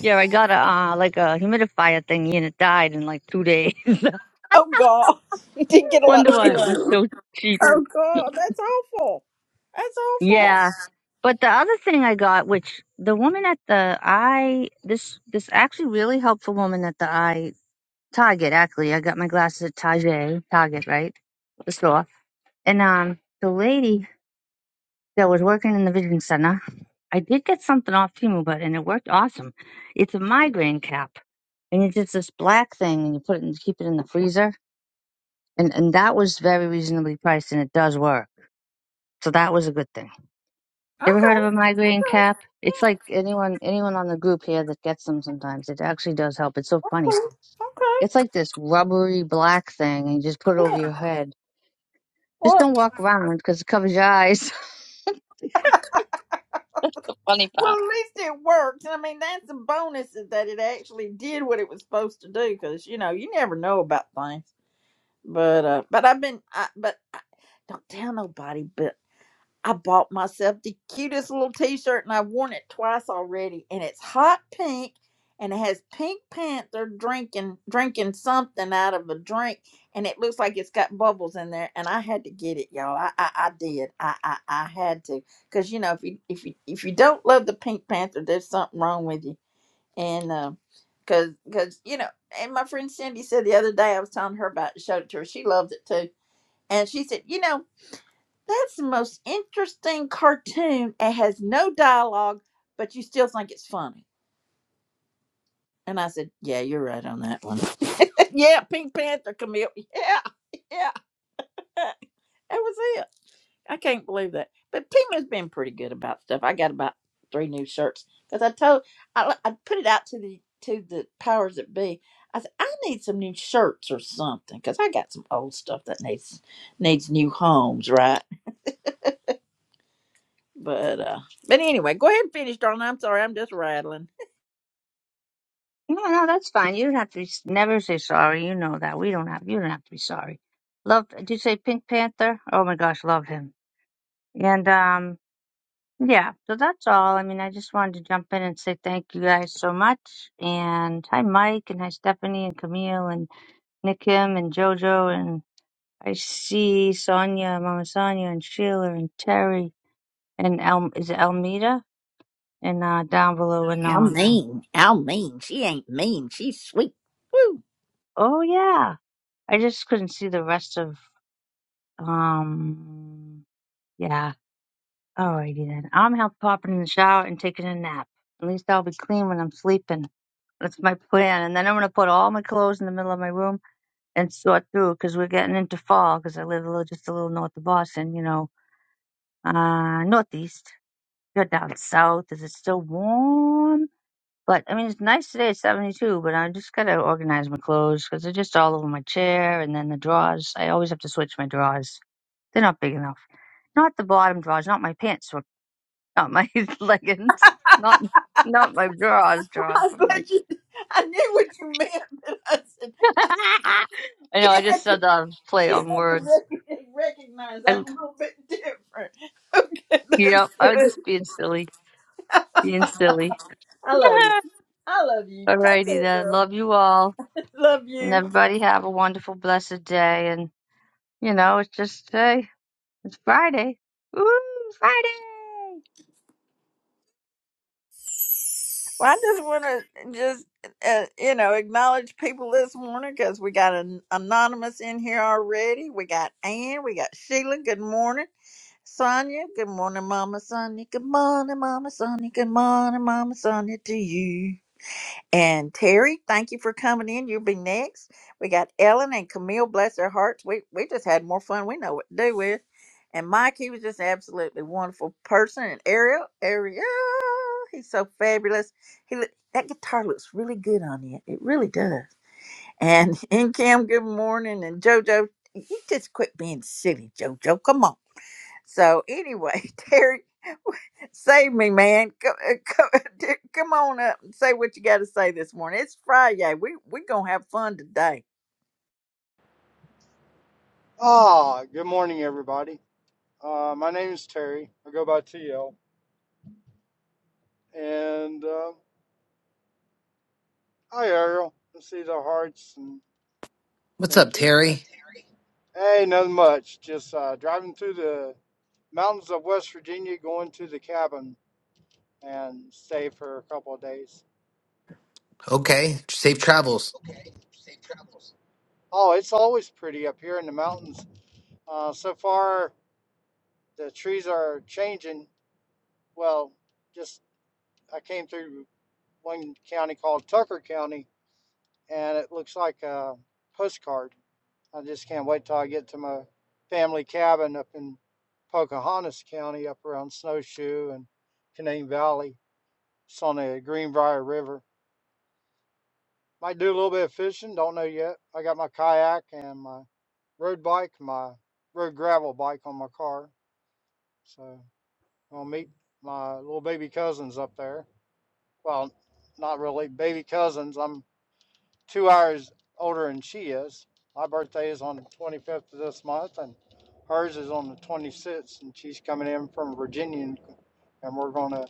[SPEAKER 7] Yeah, I got a uh, like a humidifier thingy and it died in like two days. [laughs]
[SPEAKER 1] Oh god. [laughs] You didn't get a lot
[SPEAKER 7] Wonder
[SPEAKER 1] of What
[SPEAKER 7] why it
[SPEAKER 1] pictures.
[SPEAKER 7] was
[SPEAKER 1] look?
[SPEAKER 7] so cheap.
[SPEAKER 1] Oh god, that's awful. That's awful.
[SPEAKER 7] Yeah. But the other thing I got, which the woman at the eye this this actually really helpful woman at the eye Target actually. I got my glasses at Target, Target, right? The store. And um the lady that was working in the vision center. I did get something off Timu, but and it worked awesome. It's a migraine cap, and it's just this black thing, and you put it and keep it in the freezer, and and that was very reasonably priced, and it does work. So that was a good thing. Ever heard
[SPEAKER 1] Okay,
[SPEAKER 7] of a migraine cap? It's like anyone anyone on the group here that gets them sometimes. It actually does help. It's so funny.
[SPEAKER 1] okay.
[SPEAKER 7] It's like this rubbery black thing, and you just put it over your head. Just
[SPEAKER 1] Well
[SPEAKER 7] don't walk around because it covers your eyes. [laughs] the funny part.
[SPEAKER 1] well at least it worked. I mean that's the bonus is that it actually did what it was supposed to do because you know, you never know about things. But uh, but I've been I, but I, don't tell nobody. But I bought myself the cutest little T-shirt, and I've worn it twice already. And it's hot pink, and it has Pink Panther drinking drinking something out of a drink, and it looks like it's got bubbles in there. And I had to get it, y'all. I I, I did. I, I I had to, cause you know if you if you if you don't love the Pink Panther, there's something wrong with you and um because because you know and my friend cindy said the other day i was telling her about it, showed it to her she loved it too and she said you know that's the most interesting cartoon it has no dialogue but you still think it's funny and i said yeah you're right on that one [laughs] yeah pink panther camille yeah yeah that was I can't believe that. But Tima's been pretty good about stuff. I got about three new shirts because I told I, I put it out to the to the powers that be. I said I need some new shirts or something because I got some old stuff that needs needs new homes, right? But uh, but anyway, go ahead and finish, darling. I'm sorry, I'm just rattling.
[SPEAKER 7] No, no, that's fine. You don't have to be, never say sorry. You know that. We don't have, you don't have to be sorry. Loved, did you say Pink Panther? Oh my gosh, love him. And, um, yeah, so that's all. I mean, I just wanted to jump in and say thank you guys so much. And hi, Mike, and hi, Stephanie, and Camille, and Nick Kim, and JoJo, and I see Sonia, Mama Sonia, and Sheila, and Terry, and El, is it Elmita? And, uh, down below and
[SPEAKER 1] How
[SPEAKER 7] on.
[SPEAKER 1] mean? How mean? She ain't mean. She's sweet. Woo!
[SPEAKER 7] Oh yeah. I just couldn't see the rest of Um, yeah. Alrighty then. I'm help popping in the shower and taking a nap. At least I'll be clean when I'm sleeping. That's my plan. And then I'm gonna put all my clothes in the middle of my room and sort through because we're getting into fall. Because I live a little, just a little north of Boston, you know, uh, northeast. You're down south. Is it still warm? But I mean, it's nice today. It's 72. But I just gotta organize my clothes because they're just all over my chair and then the drawers. I always have to switch my drawers. They're not big enough. Not the bottom drawers, not my pants, or not my [laughs] leggings, not not my drawers, drawers, but my.
[SPEAKER 1] [laughs] I
[SPEAKER 7] [laughs] I know I just said that I was play on words.
[SPEAKER 1] didn't know.
[SPEAKER 7] I,
[SPEAKER 1] [laughs] That's
[SPEAKER 7] yeah, I was
[SPEAKER 1] good.
[SPEAKER 7] just being silly, being silly.
[SPEAKER 1] I love you.
[SPEAKER 7] [laughs]
[SPEAKER 1] I love you. Take
[SPEAKER 7] Alrighty
[SPEAKER 1] care,
[SPEAKER 7] then,
[SPEAKER 1] girl.
[SPEAKER 7] love you all,
[SPEAKER 1] [laughs] Love
[SPEAKER 7] and
[SPEAKER 1] you.
[SPEAKER 7] everybody have a wonderful, blessed day. And you know, it's just hey, it's Friday. Woo, Friday!
[SPEAKER 1] Well, I just want to just uh, you know acknowledge people this morning because we got an anonymous in here already. We got Ann, we got Sheila. Good morning, Sonia. Good morning, Mama Sonia. Good morning, Mama Sonia. Good morning, Mama Sonia to you. And Terry, thank you for coming in. You'll be next. We got Ellen and Camille, bless their hearts. We we just had more fun. We know what to do with. And Mike, he was just absolutely wonderful person. And Ariel, Ariel, he's so fabulous. He look, that guitar looks really good on you. It really does. And [laughs] and Kim, good morning. And JoJo, you just quit being silly, JoJo. Come on. So anyway, [laughs] Terry, save me, man. [laughs] Come, come on up and say what you got to say this morning. It's Friday. We we gonna have fun today.
[SPEAKER 8] Ah, good morning, everybody. Uh, my name is Terry. I go by TL. And uh, hi, Ariel. I see the hearts and
[SPEAKER 9] What's up,
[SPEAKER 8] thank you.
[SPEAKER 9] Terry?
[SPEAKER 8] Hey, nothing much. Just uh, driving through the mountains of West Virginia, going to the cabin and stay for a couple of days.
[SPEAKER 9] Okay, safe travels.
[SPEAKER 8] Oh, it's always pretty up here in the mountains. Uh, so far, the trees are changing. Well, just I came through one county called Tucker County, and it looks like a postcard. I just can't wait till I get to my family cabin up in Pocahontas County, up around Snowshoe and Canaan Valley. It's on the Greenbrier River. Might do a little bit of fishing, don't know yet. I got my kayak and my road bike, my road gravel bike on my car. So I'll meet my little baby cousins up there. Well, not really baby cousins. I'm two hours older than she is. My birthday is on the 25th of this month, and hers is on the 26th, and she's coming in from Virginia, and, and we're going to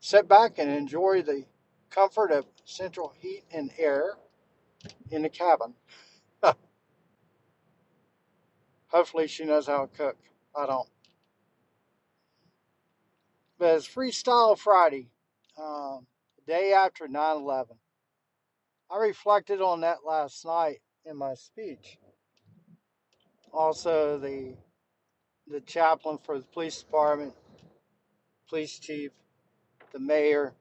[SPEAKER 8] sit back and enjoy the comfort of central heat and air in the cabin. [laughs] Hopefully, she knows how to cook. I don't. But it's Freestyle Friday, um, the day after 9 11. I reflected on that last night in my speech. Also, the the chaplain for the police department police chief, the mayor,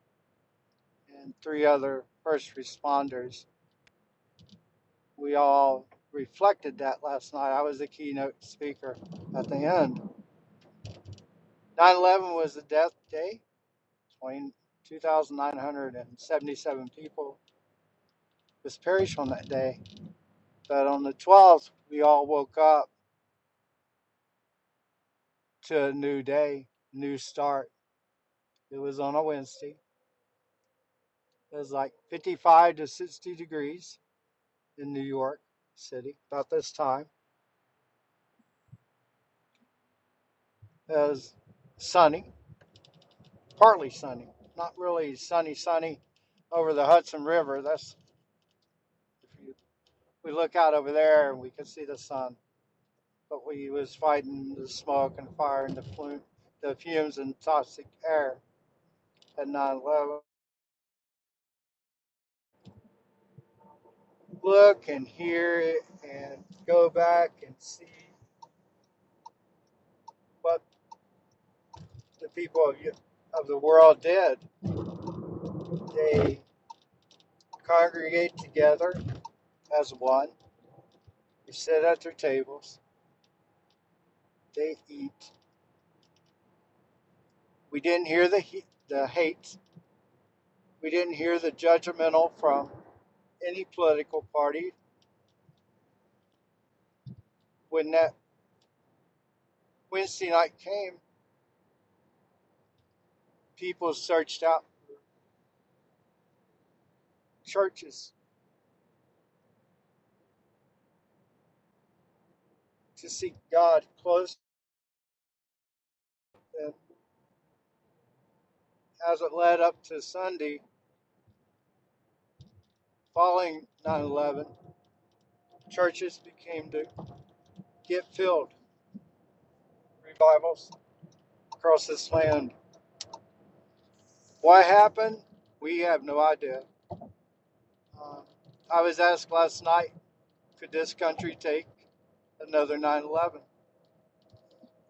[SPEAKER 8] and three other first responders. We all reflected that last night. I was the keynote speaker at the end. 9 11 was the death day. 2,977 people was perished on that day. But on the 12th, we all woke up to a new day, new start. It was on a Wednesday. It was like 55 to 60 degrees in New York City about this time. It was sunny partly sunny, not really sunny, sunny over the Hudson River. That's if you, we look out over there and we can see the sun, but we was fighting the smoke and fire and the flume, the fumes and toxic air at 9 eleven. Look and hear it and go back and see what the people of of the world did. They congregate together as one. They sit at their tables. They eat. We didn't hear the the hate We didn't hear the judgmental from any political party. When that Wednesday night came, people searched out churches to seek God close. And as it led up to Sunday following 9 11, churches became to get filled, revivals across this land. Why happened? We have no idea. Uh, I was asked last night, could this country take another 9 11?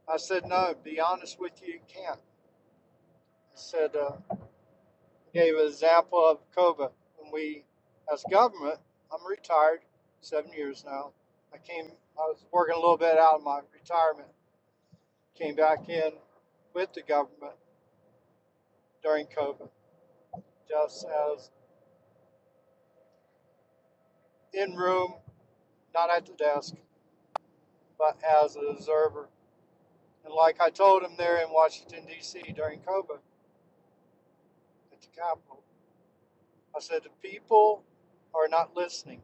[SPEAKER 8] I said, no, be honest with you, you can't. I said, uh, gave an example of COBA. When we, as government, I'm retired, seven years now. I came, I was working a little bit out of my retirement, came back in with the government during COBA, just as in room, not at the desk, but as an observer. And like I told him there in Washington, D.C. during COBA at the Capitol, I said, the people are not listening.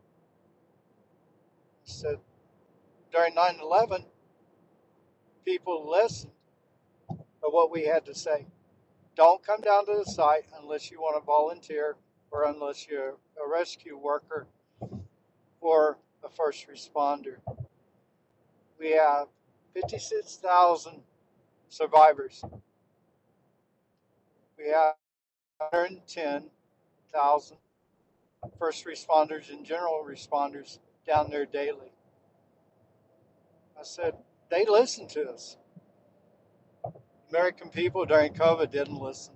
[SPEAKER 8] I said, during 9 11, people listened to what we had to say Don't come down to the site unless you want to volunteer or unless you're a rescue worker or a first responder. We have 56,000 survivors. We have 110,000 first responders and general responders down there daily. I said, they listen to us. American people during COVID didn't listen.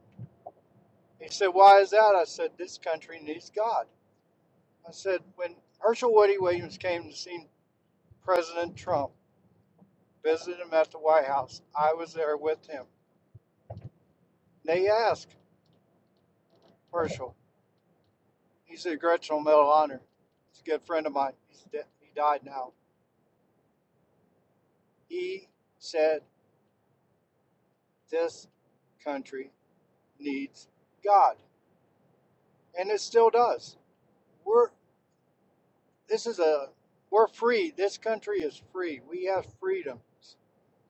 [SPEAKER 8] He said, why is that? I said, this country needs God. I said, when Herschel Woody Williams came to see President Trump, Visited him at the White House. I was there with him. They asked Herschel. He's a Gretchen Medal of Honor. He's a good friend of mine. He's de- he died now. He said this country needs God, and it still does. We're this is a we're free. This country is free. We have freedom.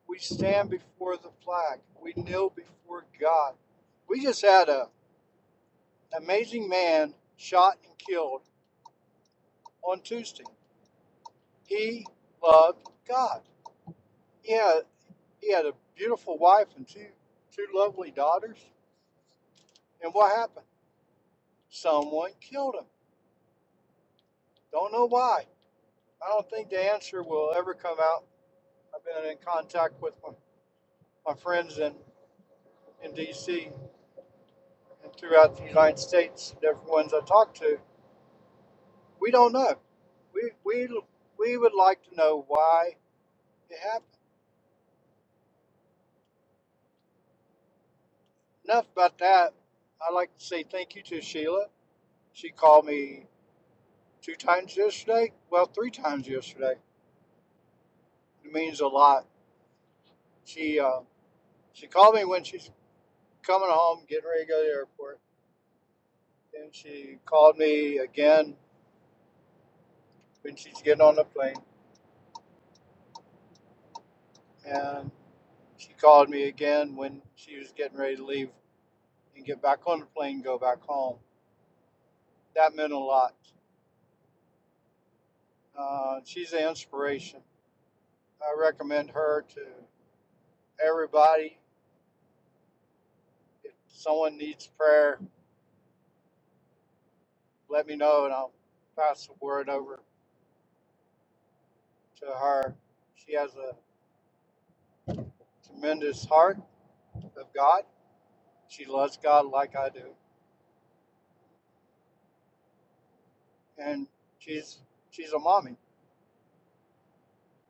[SPEAKER 8] We stand before the flag. We kneel before God. We just had a amazing man shot and killed on Tuesday. He loved God. He had he had a beautiful wife and two two lovely daughters. And what happened? Someone killed him. Don't know why. I don't think the answer will ever come out. I've been in contact with my, my friends in, in DC and throughout the United States, the different ones I talk to. We don't know. We we we would like to know why it happened. Enough about that. I'd like to say thank you to Sheila. She called me two times yesterday. Well, three times yesterday. It means a lot. She uh, she called me when she's coming home, getting ready to go to the airport. Then she called me again when she's getting on the plane, and she called me again when she was getting ready to leave and get back on the plane, and go back home. That meant a lot. Uh, she's an inspiration. I recommend her to everybody. If someone needs prayer, let me know, and I'll pass the word over. to her. She has a tremendous heart of God. She loves God like I do, and she's she's a mommy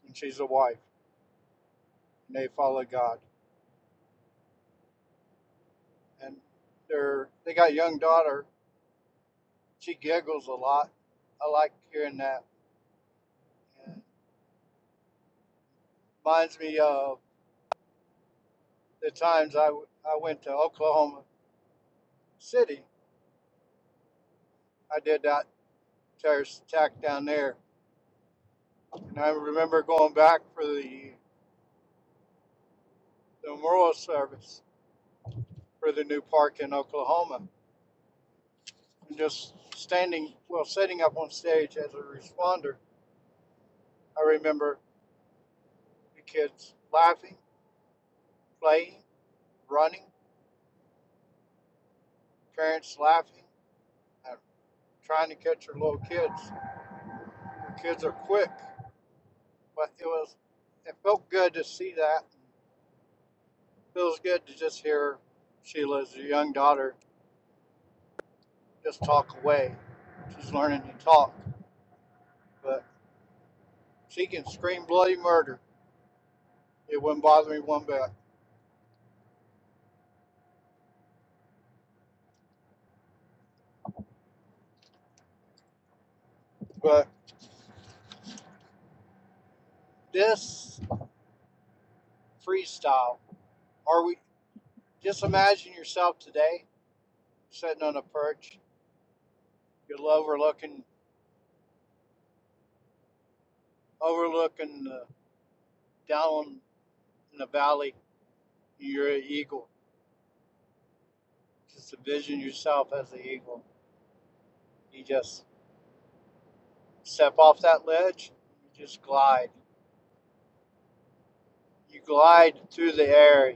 [SPEAKER 8] and she's a wife, and they follow God. And they're they got a young daughter. She giggles a lot. I like hearing that. And reminds me of the times I I went to Oklahoma City. I did that terrorist attack down there, and I remember going back for the the memorial service for the new park in Oklahoma just standing, well, sitting up on stage as a responder, I remember the kids laughing, playing, running, parents laughing, and trying to catch their little kids. The kids are quick, but it was, it felt good to see that. It Feels good to just hear Sheila's young daughter just talk away. She's learning to talk, but she can scream bloody murder. It wouldn't bother me one bit. But this freestyle. Are we? Just imagine yourself today sitting on a perch. You're overlooking overlooking the, down in the valley. You're an eagle. Just envision yourself as an eagle. You just step off that ledge. You just glide. You glide through the air. You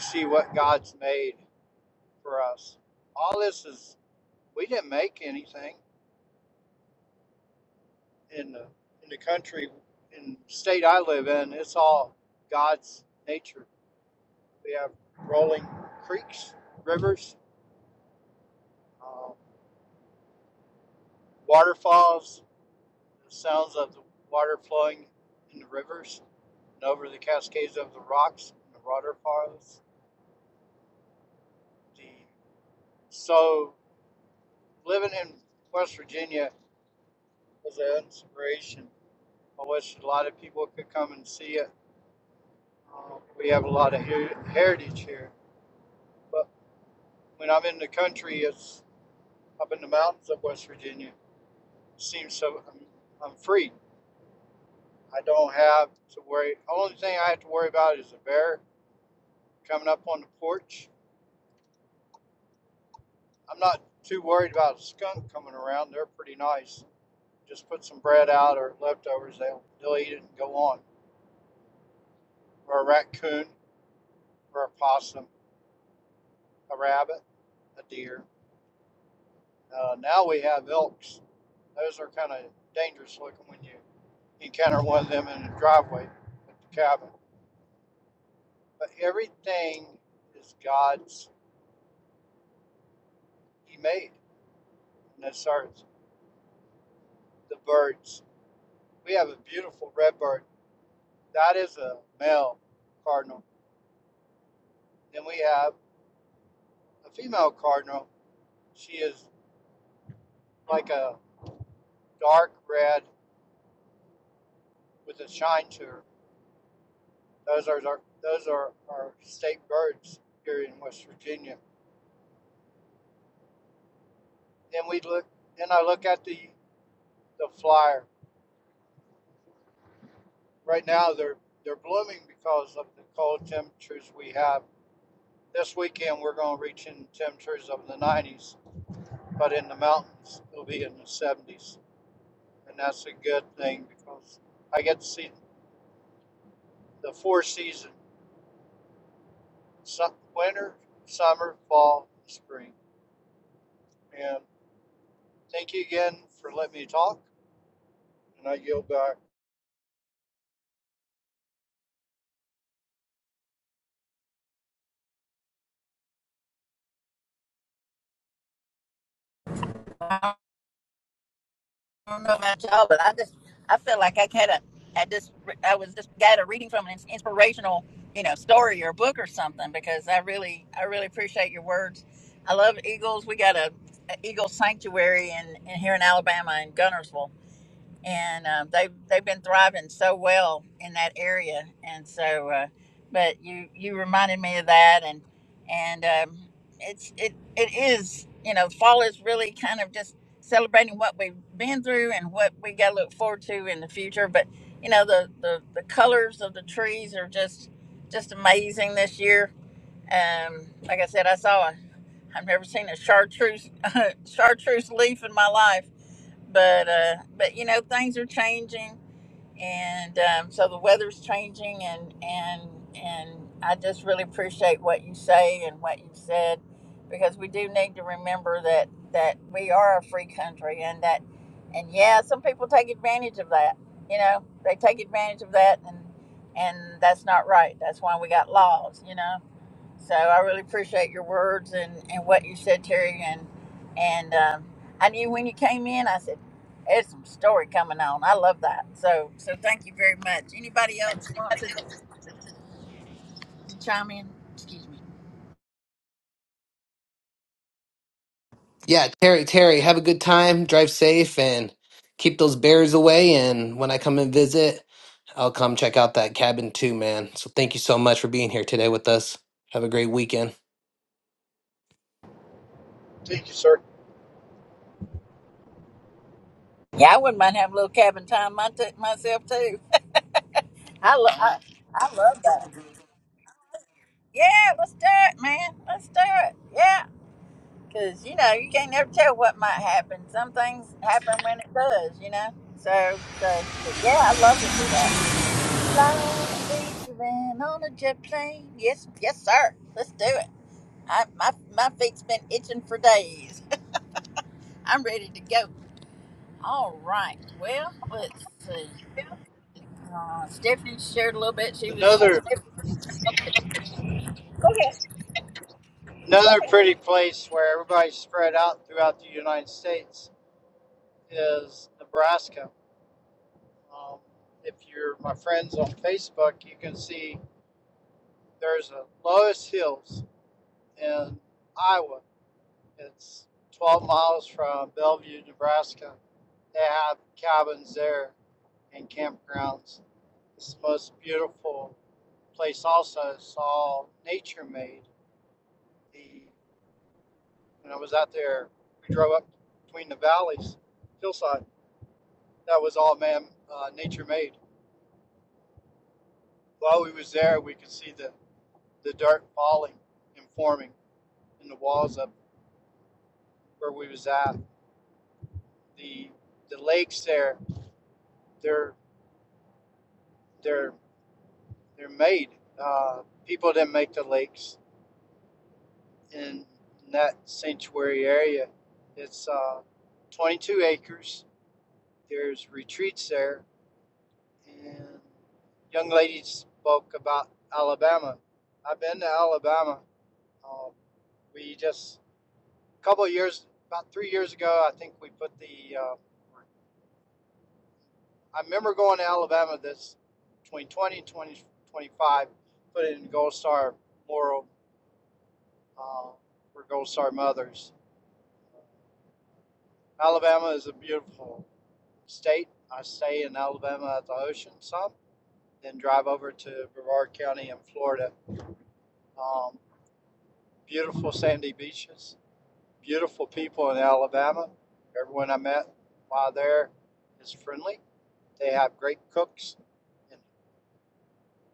[SPEAKER 8] see what God's made for us. All this is we didn't make anything in the in the country in the state I live in. It's all God's nature We have rolling creeks, rivers, uh, waterfalls, the sounds of the water flowing in the rivers and over the cascades of the rocks, and the waterfalls. The, so living in West Virginia was an inspiration. I wish a lot of people could come and see it. Uh, we have a lot of her- heritage here, but when I'm in the country, it's up in the mountains of West Virginia. It seems so I'm, I'm free. I don't have to worry. Only thing I have to worry about is a bear coming up on the porch. I'm not too worried about a skunk coming around. They're pretty nice. Just put some bread out or leftovers. They'll they'll eat it and go on. Or a raccoon, or a possum, a rabbit, a deer. Uh, now we have elks. Those are kind of dangerous looking when you encounter one of them in the driveway at the cabin. But everything is God's. He made. And that's ours. The birds. We have a beautiful redbird. That is a male cardinal. Then we have a female cardinal. She is like a dark red with a shine to her. Those are our, those are our state birds here in West Virginia. Then we look. Then I look at the the flyer. Right now they're they're blooming because of the cold temperatures we have. This weekend we're going to reach in temperatures of the 90s, but in the mountains it'll be in the 70s. and that's a good thing because I get to see the four seasons: winter, summer, fall, spring. And thank you again for letting me talk, and I yield back.
[SPEAKER 1] I don't know about y'all, but I just I feel like I kind of I just I was just got a reading from an inspirational you know story or book or something because I really I really appreciate your words. I love eagles. We got a, a eagle sanctuary in, in here in Alabama in Gunnersville, and um, they've they've been thriving so well in that area. And so, uh, but you you reminded me of that, and and um, it's it it is you know fall is really kind of just celebrating what we've been through and what we got to look forward to in the future. But you know the the the colors of the trees are just just amazing this year. Um, like I said, I saw a I've never seen a chartreuse [laughs] chartreuse leaf in my life, but uh, but you know things are changing, and um, so the weather's changing, and and and I just really appreciate what you say and what you've said, because we do need to remember that that we are a free country, and that and yeah, some people take advantage of that. You know, they take advantage of that, and and that's not right. That's why we got laws. You know so I really appreciate your words and, and what you said, Terry. And and um, I knew when you came in, I said, "There's some story coming on." I love that. So so thank you very much. Anybody else wants to, to chime in? Excuse me.
[SPEAKER 9] Yeah, Terry, Terry, have a good time, drive safe, and keep those bears away. And when I come and visit, I'll come check out that cabin too, man. So thank you so much for being here today with us. Have a great weekend.
[SPEAKER 8] Thank you, sir.
[SPEAKER 1] Yeah, I wouldn't mind having a little cabin time my t- myself too. I, lo- I I love that. Yeah, let's do it, man. Let's do it. Yeah, because you know you can't never tell what might happen. Some things happen when it does, you know. So so but yeah, I love to do that. Fly, leaving on a jet plane. Yes, yes, sir. Let's do it. I, my my feet's been itching for days. I'm ready to go. All right. Well, let's see. Uh, Stephanie shared a little bit. She was.
[SPEAKER 8] Another another pretty place where everybody's spread out throughout the United States is Nebraska. Um, if you're my friends on Facebook, you can see there's a Lois Hills in Iowa. It's 12 miles from Bellevue, Nebraska They have cabins there and campgrounds. It's the most beautiful place also. It's all nature made. The when I was out there, we drove up between the valleys, hillside. That was all man uh, nature made. While we was there, we could see the, the dirt falling and forming in the walls up where we was at. The the lakes there, they're they're they're made. Uh, people didn't make the lakes in that sanctuary area. It's uh, 22 acres. There's retreats there, and young lady spoke about Alabama. I've been to Alabama. Um, we just a couple of years, about three years ago, I think we put the. Uh, I remember going to Alabama this 2020 and 2025, put it in Gold Star Memorial uh, for Gold Star mothers. Alabama is a beautiful state. I stay in Alabama at the ocean some, then drive over to Brevard County in Florida. Um, beautiful sandy beaches, beautiful people in Alabama. Everyone I met while there is friendly. They have great cooks and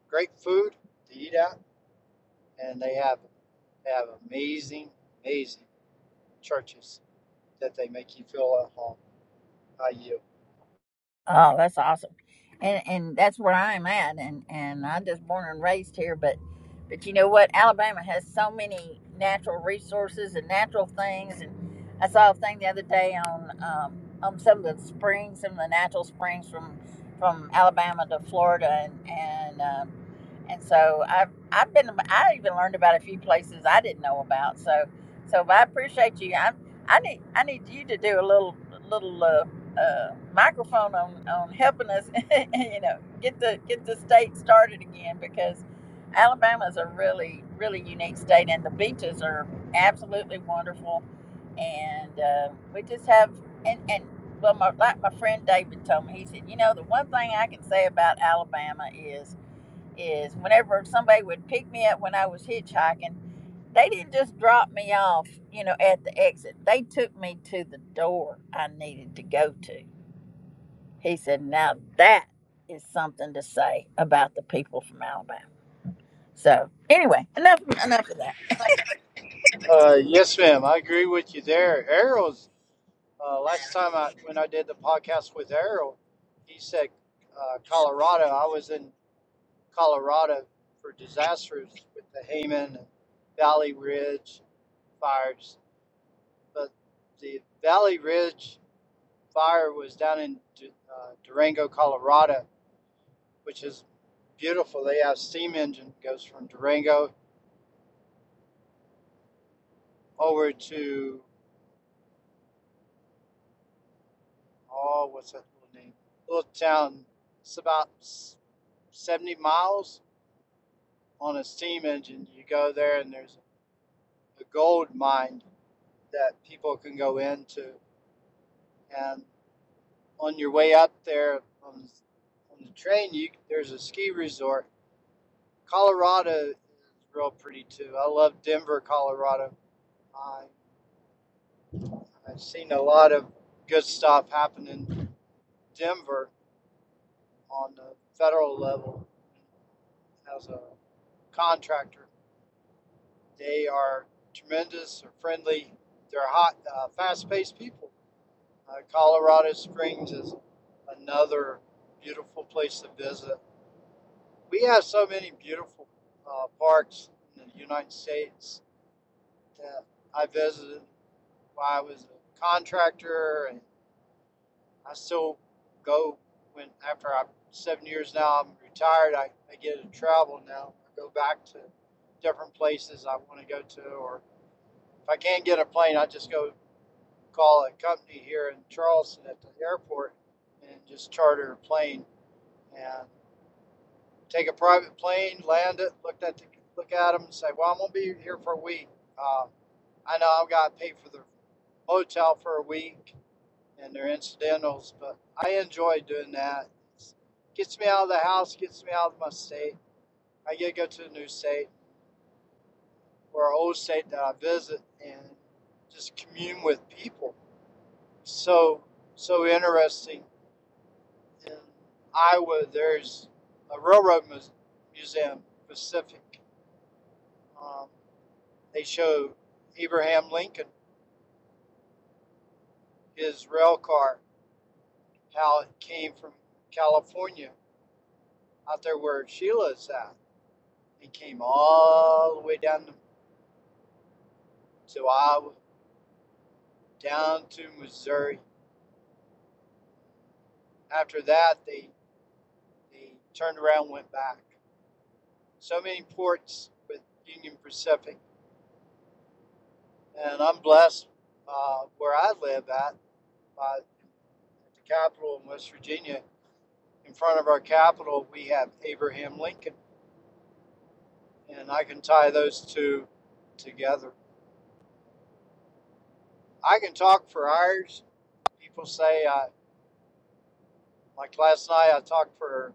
[SPEAKER 8] great food to eat at, and they have they have amazing, amazing churches that they make you feel at home. I yield.
[SPEAKER 1] Oh, that's awesome. And and that's where I'm at and and I'm just born and raised here but but you know what Alabama has so many natural resources and natural things and I saw a thing the other day on um on some of the springs, some of the natural springs from from Alabama to Florida and and um, and so I've I've been I even learned about a few places I didn't know about. So so I appreciate you. I I need I need you to do a little little uh, uh, microphone on on helping us. [laughs] you know, get the get the state started again because Alabama is a really really unique state, and the beaches are absolutely wonderful. And uh, we just have and and. Well, my, like my friend David told me, he said, you know, the one thing I can say about Alabama is is whenever somebody would pick me up when I was hitchhiking, they didn't just drop me off, you know, at the exit. They took me to the door I needed to go to. He said, Now that is something to say about the people from Alabama. So anyway, enough enough of that.
[SPEAKER 8] Uh, yes, ma'am. I agree with you there. Arrows Uh, last time I, when I did the podcast with Errol, he said uh, Colorado. I was in Colorado for disasters with the Hayman and Valley Ridge fires, but the Valley Ridge fire was down in uh, Durango, Colorado, which is beautiful. They have steam engine goes from Durango over to oh, what's that little name? Little town. It's about seventy miles on a steam engine. You go there and there's a gold mine that people can go into. And on your way up there on, on the train, you there's a ski resort. Colorado is real pretty too. I love Denver, Colorado. I, I've seen a lot of good stuff happen in Denver on the federal level as a contractor. They are tremendous, they're friendly, they're hot, uh, fast paced people. Uh, Colorado Springs is another beautiful place to visit. We have so many beautiful uh, parks in the United States that I visited while I was a contractor, and I still go when after I'm seven years now. I'm retired. I, I get to travel now. I go back to different places I want to go to, or if I can't get a plane, I just go call a company here in Charleston at the airport and just charter a plane and take a private plane, land it, look at the, look at them, and say, "Well, I'm gonna be here for a week. Uh, I know I've got to pay for the hotel for a week and their incidentals, but I enjoy doing that. It gets me out of the house, gets me out of my state. I get to go to a new state or an old state that I visit and just commune with people. So so interesting. In Iowa, there's a railroad museum, Pacific. Um, They show Abraham Lincoln, his rail car, how it came from California out there where Sheila's at. It came all the way down to, Iowa, down to Missouri. After that, they, they turned around and went back. So many ports with Union Pacific. And I'm blessed uh, where I live at, uh, at the Capitol in West Virginia. In front of our Capitol, we have Abraham Lincoln and I can tie those two together. I can talk for hours. People say, I, like last night, I talked for an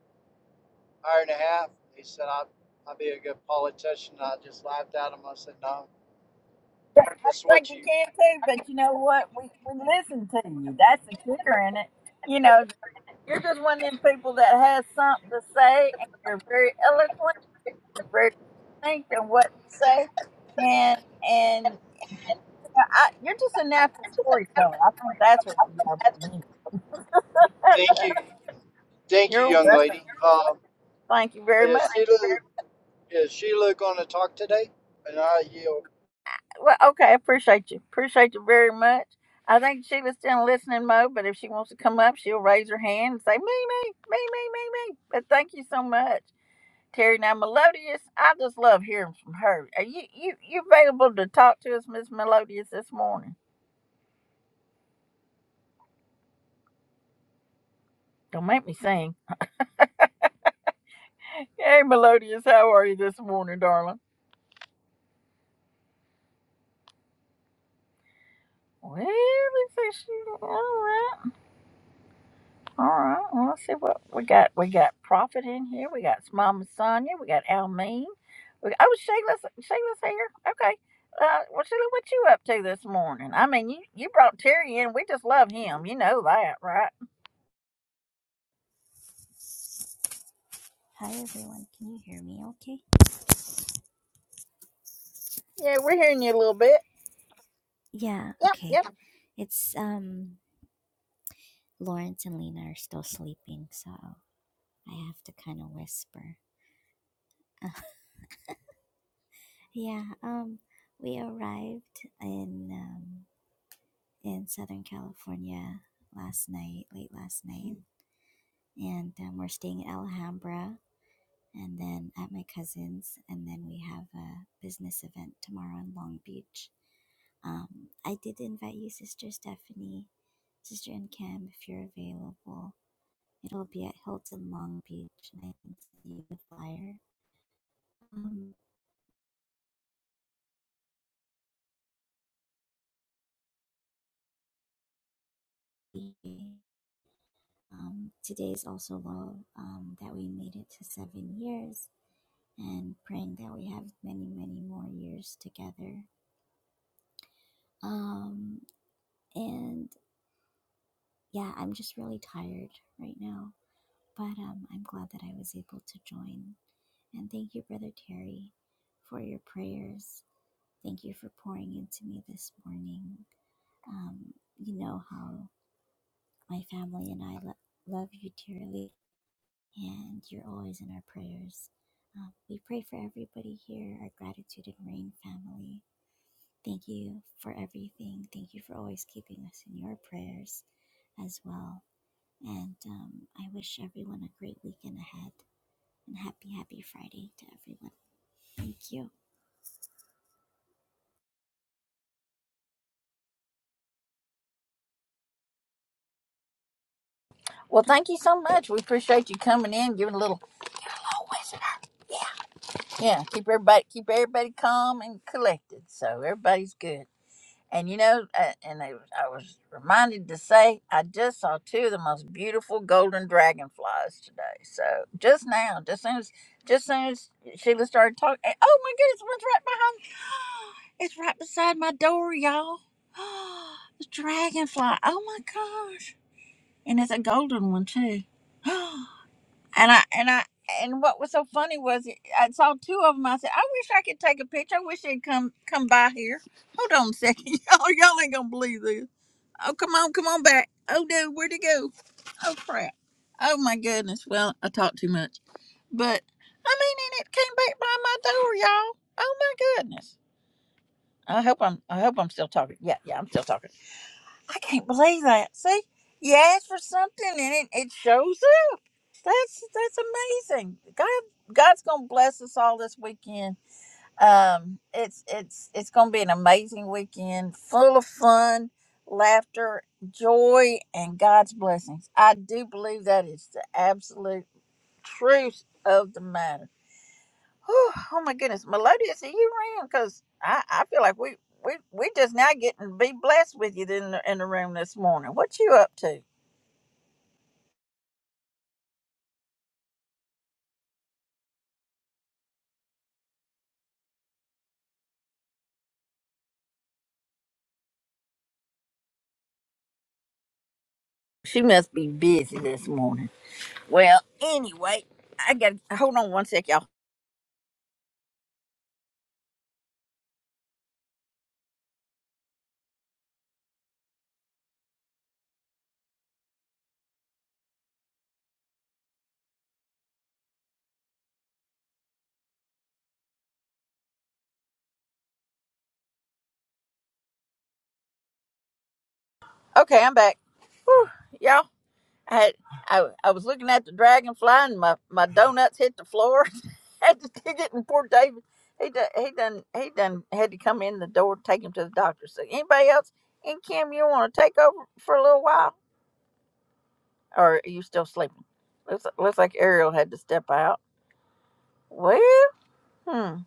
[SPEAKER 8] hour and a half. They said I, I'd be a good politician. I just laughed at them. I said, no, this is
[SPEAKER 1] Like
[SPEAKER 8] what
[SPEAKER 1] you
[SPEAKER 8] you
[SPEAKER 1] can too, but you know what? We we listen to you. That's the kicker in it. You know, you're just one of them people that has something to say and you're very eloquent, you're very distinct in what you say and and. I, you're just a natural storyteller. I think that's what you are. Monique.
[SPEAKER 8] thank you, [laughs] thank you,
[SPEAKER 1] You're
[SPEAKER 8] young
[SPEAKER 1] welcome.
[SPEAKER 8] lady. Um,
[SPEAKER 1] Thank you very
[SPEAKER 8] is
[SPEAKER 1] much.
[SPEAKER 8] Sheila is Sheila going to talk today? And I yield.
[SPEAKER 1] Well, okay, I appreciate you. Appreciate you very much. I think she was still in listening mode, but if she wants to come up, she'll raise her hand and say, me, me, me, me, me, me. But thank you so much. Terry, now Melodious, I just love hearing from her. Are you, you, you available to talk to us, Miss Melodious, this morning? Don't make me sing. Hey, Melodious, how are you this morning, darling? Well, let's see. She, all right. All right. Well, let's see what we got. We got Prophet in here. We got Mama Sonia. We got Almeen. We got, oh, Sheila's Sheila's here. Okay. Uh, well, Sheila, what you up to this morning? I mean, you you brought Terry in. We just love him. You know that, right?
[SPEAKER 10] Hi everyone, can you hear me okay?
[SPEAKER 1] Yeah, we're hearing you a little bit.
[SPEAKER 10] Yeah,
[SPEAKER 1] Yep,
[SPEAKER 10] okay.
[SPEAKER 1] yep.
[SPEAKER 10] It's um Lawrence and Lena are still sleeping, so I have to kind of whisper. [laughs] yeah, um we arrived in um in Southern California last night, late last night, and um, we're staying in Alhambra and then at my cousin's, and then we have a business event tomorrow in Long Beach. Um, I did invite you, Sister Stephanie, Sister and Cam, if you're available. It'll be at Hilton Long Beach, and I can send you the flyer. Um, um, today is also low um, that we made it to seven years, and praying that we have many, many more years together. Um, and yeah, I'm just really tired right now But um, I'm glad that I was able to join. And thank you, Brother Terry, for your prayers. Thank you for pouring into me this morning. Um, you know how my family and I lo- love you dearly, and you're always in our prayers. Um, we pray for everybody here, our gratitude and rain family. Thank you for everything. Thank you for always keeping us in your prayers as well. And um, I wish everyone a great weekend ahead. and happy, happy Friday to everyone. Thank you.
[SPEAKER 1] Well, thank you so much. We appreciate you coming in, giving a little. Oh, is it? Yeah, keep everybody keep everybody calm and collected, so everybody's good. And you know, uh, and I, I was reminded to say, I just saw two of the most beautiful golden dragonflies today. So just now, just soon as, just soon as Sheila started talking, and, oh my goodness, one's right behind me. [gasps] It's right beside my door, y'all. [gasps] The dragonfly. Oh my gosh. And it's a golden one too. [gasps] and I and I and what was so funny was it- I saw two of them. I said, I wish I could take a picture. I wish they'd come come by here. Hold on a second, [laughs] y'all. Y'all ain't gonna believe this. Oh, come on, come on back. Oh no, where'd he go? Oh crap. Oh my goodness. Well, I talked too much, but I mean, and it came back by my door, y'all. Oh my goodness. I hope I'm I hope I'm still talking. Yeah, yeah, I'm still talking. I can't believe that. See, you ask for something and it, it shows up. That's that's amazing. God God's gonna bless us all this weekend. Um, it's it's it's gonna be an amazing weekend, full of fun, laughter, joy, and God's blessings. I do believe that is the absolute truth of the matter. Whew, oh my goodness, Melodious, are you around? Because I, I feel like we we we just now getting to be blessed with you in the, in the room this morning. What you up to? She must be busy this morning. Well, anyway, I got to hold on one sec, y'all. Okay, I'm back, y'all. I had, I I was looking at the dragonfly and my my donuts hit the floor. [laughs] had to dig it and poor David. He done, he done he done had to come in the door, take him to the doctor. So anybody else? And Kim, you want to take over for a little while? Or are you still sleeping? Looks, looks like Ariel had to step out. Well, hmm. And,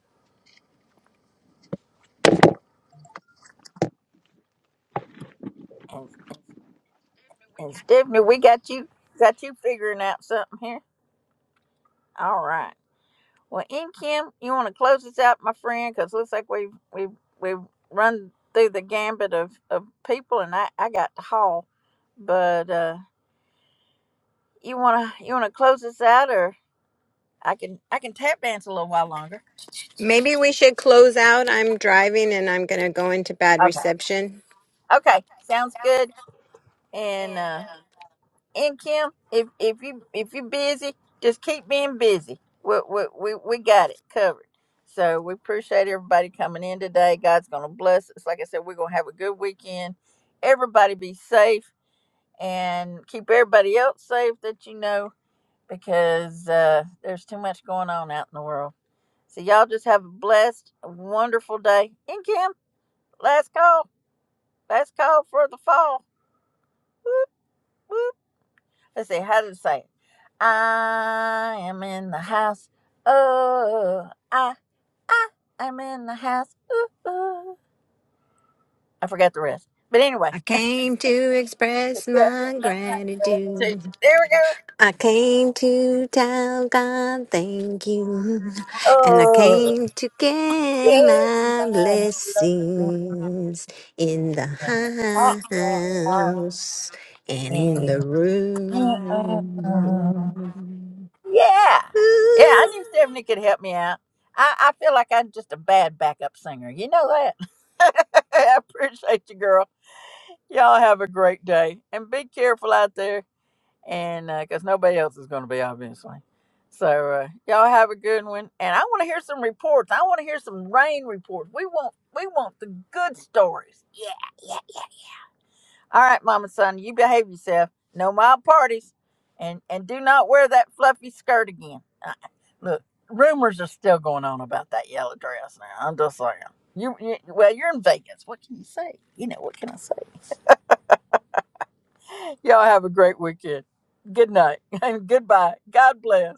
[SPEAKER 1] and, and Stephanie, we got you got you figuring out something here. All right. Well, in Kim, you want to close this out, my friend, because looks like we've we've we've run through the gambit of, of people, and I I got to haul. But uh, you wanna you wanna close this out, or I can I can tap dance a little while longer.
[SPEAKER 2] Maybe we should close out. I'm driving and I'm going to go into bad
[SPEAKER 1] Okay.
[SPEAKER 2] reception.
[SPEAKER 1] Okay. Sounds good. And uh, and Kim, if if you if you're busy, just keep being busy. We we we, we got it covered. So we appreciate everybody coming in today. God's gonna bless us. Like I said, we're gonna have a good weekend. Everybody be safe and keep everybody else safe that you know because uh, there's too much going on out in the world. So y'all just have a blessed, wonderful day. And Kim, last call, last call for the fall. Whoop whoop. Let's see how did it say. it? I am in the house. Oh, I, I, I'm in the house. Ooh, ooh. I forgot the rest. But anyway.
[SPEAKER 2] I came to express
[SPEAKER 1] Yeah.
[SPEAKER 2] my
[SPEAKER 1] I can see.
[SPEAKER 2] gratitude.
[SPEAKER 1] There we go.
[SPEAKER 2] I came to tell God thank you, and I
[SPEAKER 1] Oh,
[SPEAKER 2] came to get
[SPEAKER 1] yeah.
[SPEAKER 2] my blessings in the house and in the room.
[SPEAKER 1] Yeah. Yeah, I
[SPEAKER 2] Ooh.
[SPEAKER 1] knew Stephanie could help me out. I, I feel like I'm just a bad backup singer. You know that? [laughs] I appreciate you, girl. Y'all have a great day. And be careful out there. and because uh, nobody else is going to be obviously so uh, y'all have a good one and i want to hear some reports i want to hear some rain reports we want we want the good stories yeah yeah yeah all right mom and son you behave yourself no mild parties and and do not wear that fluffy skirt again uh, look rumors are still going on about that yellow dress now i'm just saying you, you well you're in vegas what can you say you know what can i say y'all have a great weekend good night [laughs] and goodbye god bless